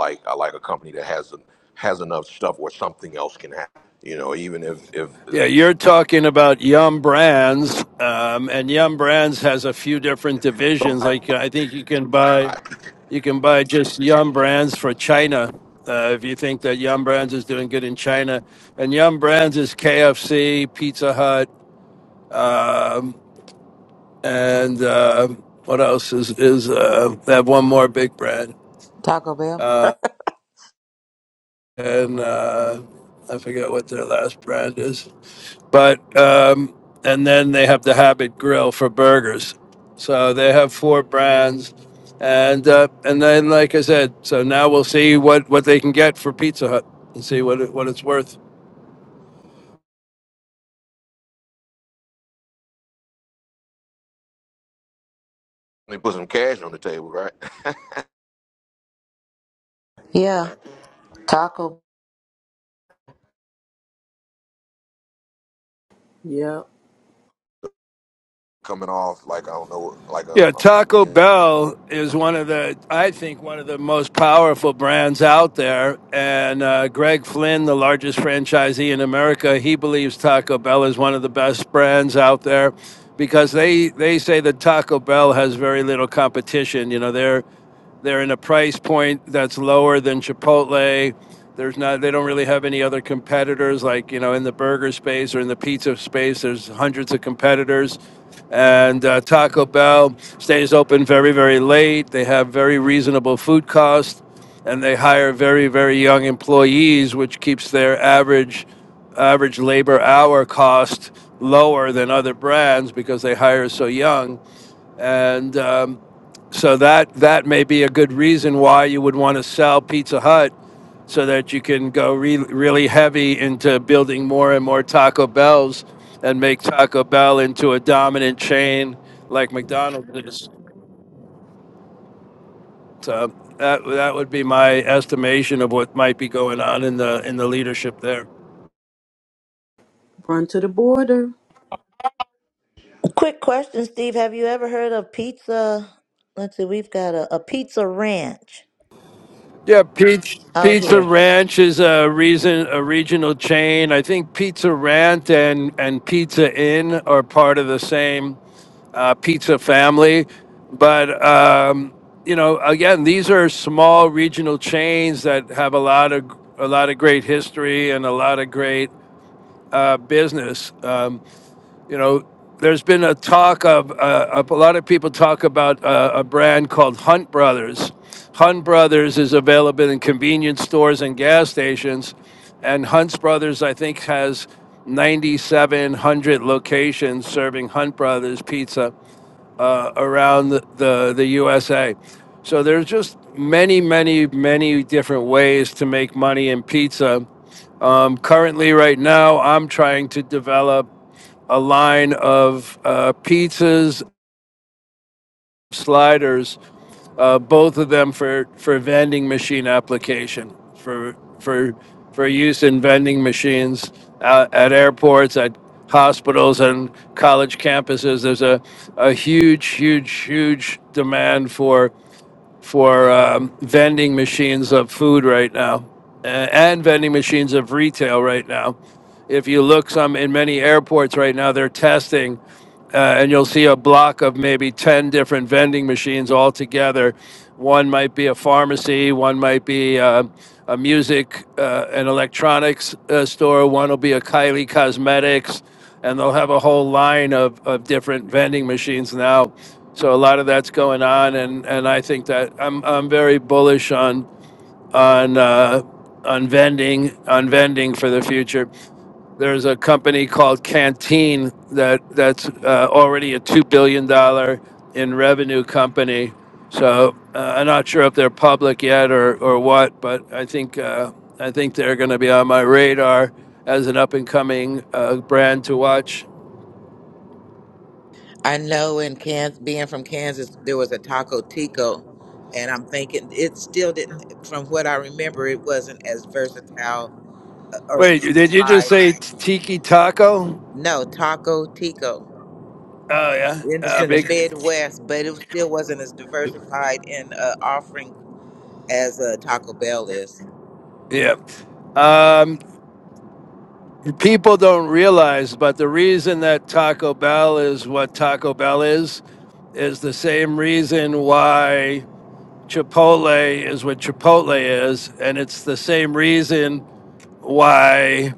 [SPEAKER 12] like I like a company that has en- has enough stuff where something else can happen. You know, even if if uh,
[SPEAKER 13] Yeah, you're talking about Yum Brands, um, and Yum Brands has a few different divisions.
[SPEAKER 12] somebody
[SPEAKER 13] Like I think you can buy You can buy just Yum Brands for China. Uh, if you think that Yum Brands is doing good in China, and Yum Brands is KFC, Pizza Hut, um, and uh, what else is is uh, they have one more big brand,
[SPEAKER 4] Taco Bell.
[SPEAKER 13] and uh, I forget what their last brand is. but um, and then they have the Habit Grill for burgers. So they have four brands, and uh, and then like I said, so now we'll see what what they can get for Pizza Hut and see what it, what it's worth.
[SPEAKER 12] they put some cash on the table, right?
[SPEAKER 1] Yeah. Taco.
[SPEAKER 2] Yep.
[SPEAKER 12] Coming off like I don't know, like I'm,
[SPEAKER 13] Yeah,
[SPEAKER 12] I'm
[SPEAKER 13] Taco
[SPEAKER 12] you know.
[SPEAKER 13] Bell is one of the, I think, one of the most powerful brands out there. And uh, Greg Flynn, the largest franchisee in America, he believes Taco Bell is one of the best brands out there because they, they say that Taco Bell has very little competition. You know, they're they're in a price point that's lower than Chipotle. There's not they don't really have any other competitors like you know in the burger space or in the pizza space. There's hundreds of competitors, and uh, Taco Bell stays open very very late. They have very reasonable food costs, and they hire very very young employees, which keeps their average average labor hour cost lower than other brands because they hire so young. And um, so that that may be a good reason why you would want to sell Pizza Hut so that you can go re- really heavy into building more and more Taco Bells and make Taco Bell into a dominant chain like McDonald's is. So that that would be my estimation of what might be going on in the in the leadership there.
[SPEAKER 2] Run to the border.
[SPEAKER 1] Quick question, Steve. Have you ever heard of pizza? Let's see, we've got a, a pizza ranch
[SPEAKER 13] Yeah, Pizza
[SPEAKER 1] out
[SPEAKER 13] Pizza
[SPEAKER 1] here.
[SPEAKER 13] Ranch is a reason a regional chain. I think Pizza Ranch and and Pizza Inn are part of the same uh, pizza family. But, um, you know, again, these are small regional chains that have a lot of a lot of great history and a lot of great uh, business. Um, you know, there's been a talk of uh, a lot of people talk about uh, a brand called Hunt Brothers. Hunt Brothers is available in convenience stores and gas stations, and Hunt Brothers, I think, has 9,700 locations serving Hunt Brothers pizza uh, around the, the, the USA. So there's just many, many, many different ways to make money in pizza. Um, currently, right now, I'm trying to develop a line of uh, pizzas sliders, uh, both of them for, for vending machine application, for, for, for use in vending machines at, at airports, at hospitals and college campuses. There's a, a huge, huge, huge demand for for um, vending machines of food right now uh, and vending machines of retail right now. If you look some in many airports right now, they're testing uh, and you'll see a block of maybe 10 different vending machines all together. One might be a pharmacy, one might be uh, a music uh, and electronics uh, store, one will be a Kylie Cosmetics, and they'll have a whole line of, of different vending machines now so a lot of that's going on, and and I think that I'm I'm very bullish on on uh, on vending on vending for the future. There's a company called Canteen that that's uh, already a two billion dollar in revenue company. So uh, I'm not sure if they're public yet or or what, but I think uh, I think they're going to be on my radar as an up and coming uh, brand to watch.
[SPEAKER 4] I know in Kansas, being from Kansas, there was a Taco Tico, and I'm thinking it still didn't. From what I remember, it wasn't as versatile uh, or
[SPEAKER 13] Wait, did you just
[SPEAKER 4] diversified.
[SPEAKER 13] say Tiki Taco?
[SPEAKER 4] No, Taco Tico.
[SPEAKER 13] Oh yeah,
[SPEAKER 4] It it's
[SPEAKER 13] uh,
[SPEAKER 4] in the
[SPEAKER 13] big.
[SPEAKER 4] Midwest, but it still wasn't as diversified in uh, offering as uh, Taco Bell is.
[SPEAKER 13] Yeah. Um, people don't realize, but the reason that Taco Bell is what Taco Bell is is the same reason why Chipotle is what Chipotle is, and it's the same reason why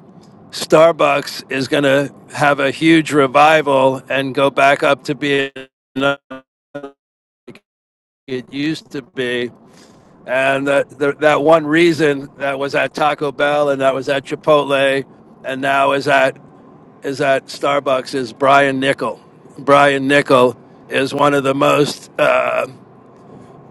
[SPEAKER 13] Starbucks is going to have a huge revival and go back up to being it used to be And that the, that one reason that was at Taco Bell and that was at Chipotle and now is at is at Starbucks is Brian Nickel. Brian Nickel is one of the most uh,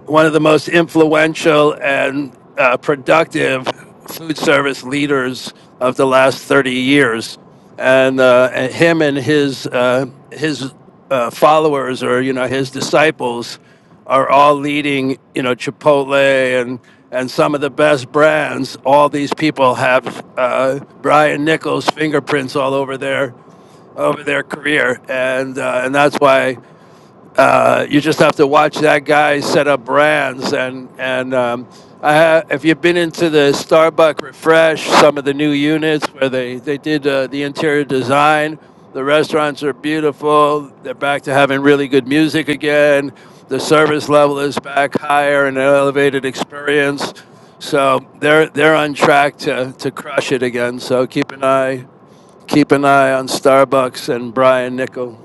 [SPEAKER 13] one of the most influential and uh, productive food service leaders of the last 30 years. And, uh, and him and his, uh, his uh, followers or, you know, his disciples are all leading, you know, Chipotle and, and some of the best brands. All these people have uh, Brian Nichols' fingerprints all over their, over their career. And, uh, and that's why uh, you just have to watch that guy set up brands and and um, I have, if you've been into the Starbucks refresh, some of the new units where they they did uh, the interior design, the restaurants are beautiful. They're back to having really good music again. The service level is back higher and an elevated experience. So they're they're on track to, to crush it again. So keep an eye keep an eye on Starbucks and Brian Nickel.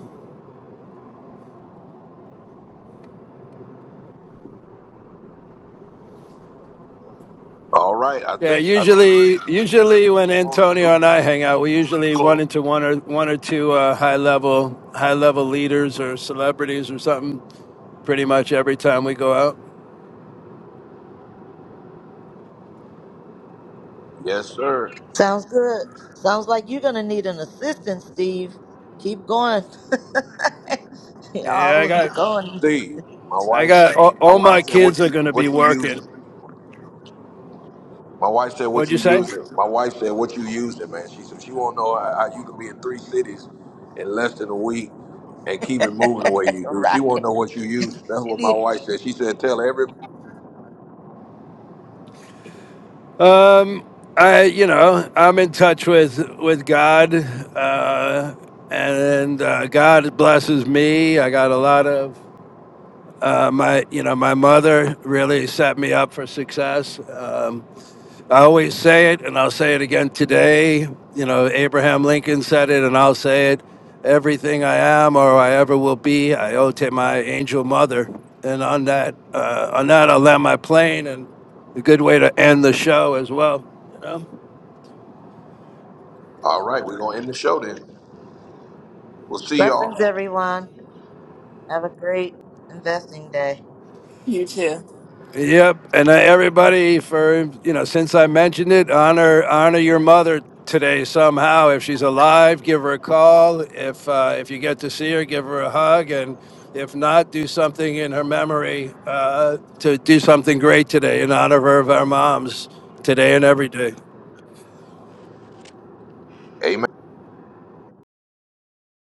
[SPEAKER 12] All right, I
[SPEAKER 13] Yeah,
[SPEAKER 12] think I
[SPEAKER 13] usually, usually when
[SPEAKER 12] closed.
[SPEAKER 13] Antonio
[SPEAKER 12] Oops,
[SPEAKER 13] and I hang out, we usually run
[SPEAKER 12] close.
[SPEAKER 13] into one or one or two uh, high level high level leaders or celebrities or something. Pretty much every time we go out.
[SPEAKER 12] Yes, sir.
[SPEAKER 1] Sounds good. Sounds like you're gonna need an assistant, Steve. Keep going.
[SPEAKER 13] Yeah, I
[SPEAKER 1] All of the
[SPEAKER 13] got
[SPEAKER 1] going.
[SPEAKER 12] Steve, my
[SPEAKER 13] I
[SPEAKER 12] wife,
[SPEAKER 13] got all,
[SPEAKER 12] my
[SPEAKER 13] all my
[SPEAKER 12] wife said, "What
[SPEAKER 13] kids are
[SPEAKER 12] you
[SPEAKER 13] going to be
[SPEAKER 12] what you
[SPEAKER 13] working.
[SPEAKER 12] using?" My wife said, "What
[SPEAKER 13] What'd you
[SPEAKER 12] you
[SPEAKER 13] say?
[SPEAKER 12] using?" My wife said, "What you using, man?" She said, "She won't know how, how you can be in three cities in less than a week and keep it moving the way you do. She won't
[SPEAKER 1] right.
[SPEAKER 12] know what you use." That's
[SPEAKER 1] You
[SPEAKER 12] what my
[SPEAKER 1] need-
[SPEAKER 12] wife said. She said, "Tell every."
[SPEAKER 13] Um, I you know I'm in touch with with God, uh, and uh, God blesses me. I got a lot of uh, my you know my mother really set me up for success. Um, I always say it, and I'll say it again today. You know, Abraham Lincoln said it, and I'll say it. Everything I am or I ever will be, I owe to my angel mother. And on that, uh, on that, I'll land my plane, and a good way to end the show as well. You know?
[SPEAKER 12] All right, we're gonna end the show then. We'll see y'all.
[SPEAKER 1] Blessings, everyone. Have a great investing day.
[SPEAKER 7] You too.
[SPEAKER 13] Yep, and uh, everybody for you know since I mentioned it, honor honor your mother today somehow. If she's alive, give her a call. If uh, if you get to see her, give her a hug, and if not, do something in her memory uh, to do something great today in honor of her, of our moms today and every day.
[SPEAKER 12] Amen.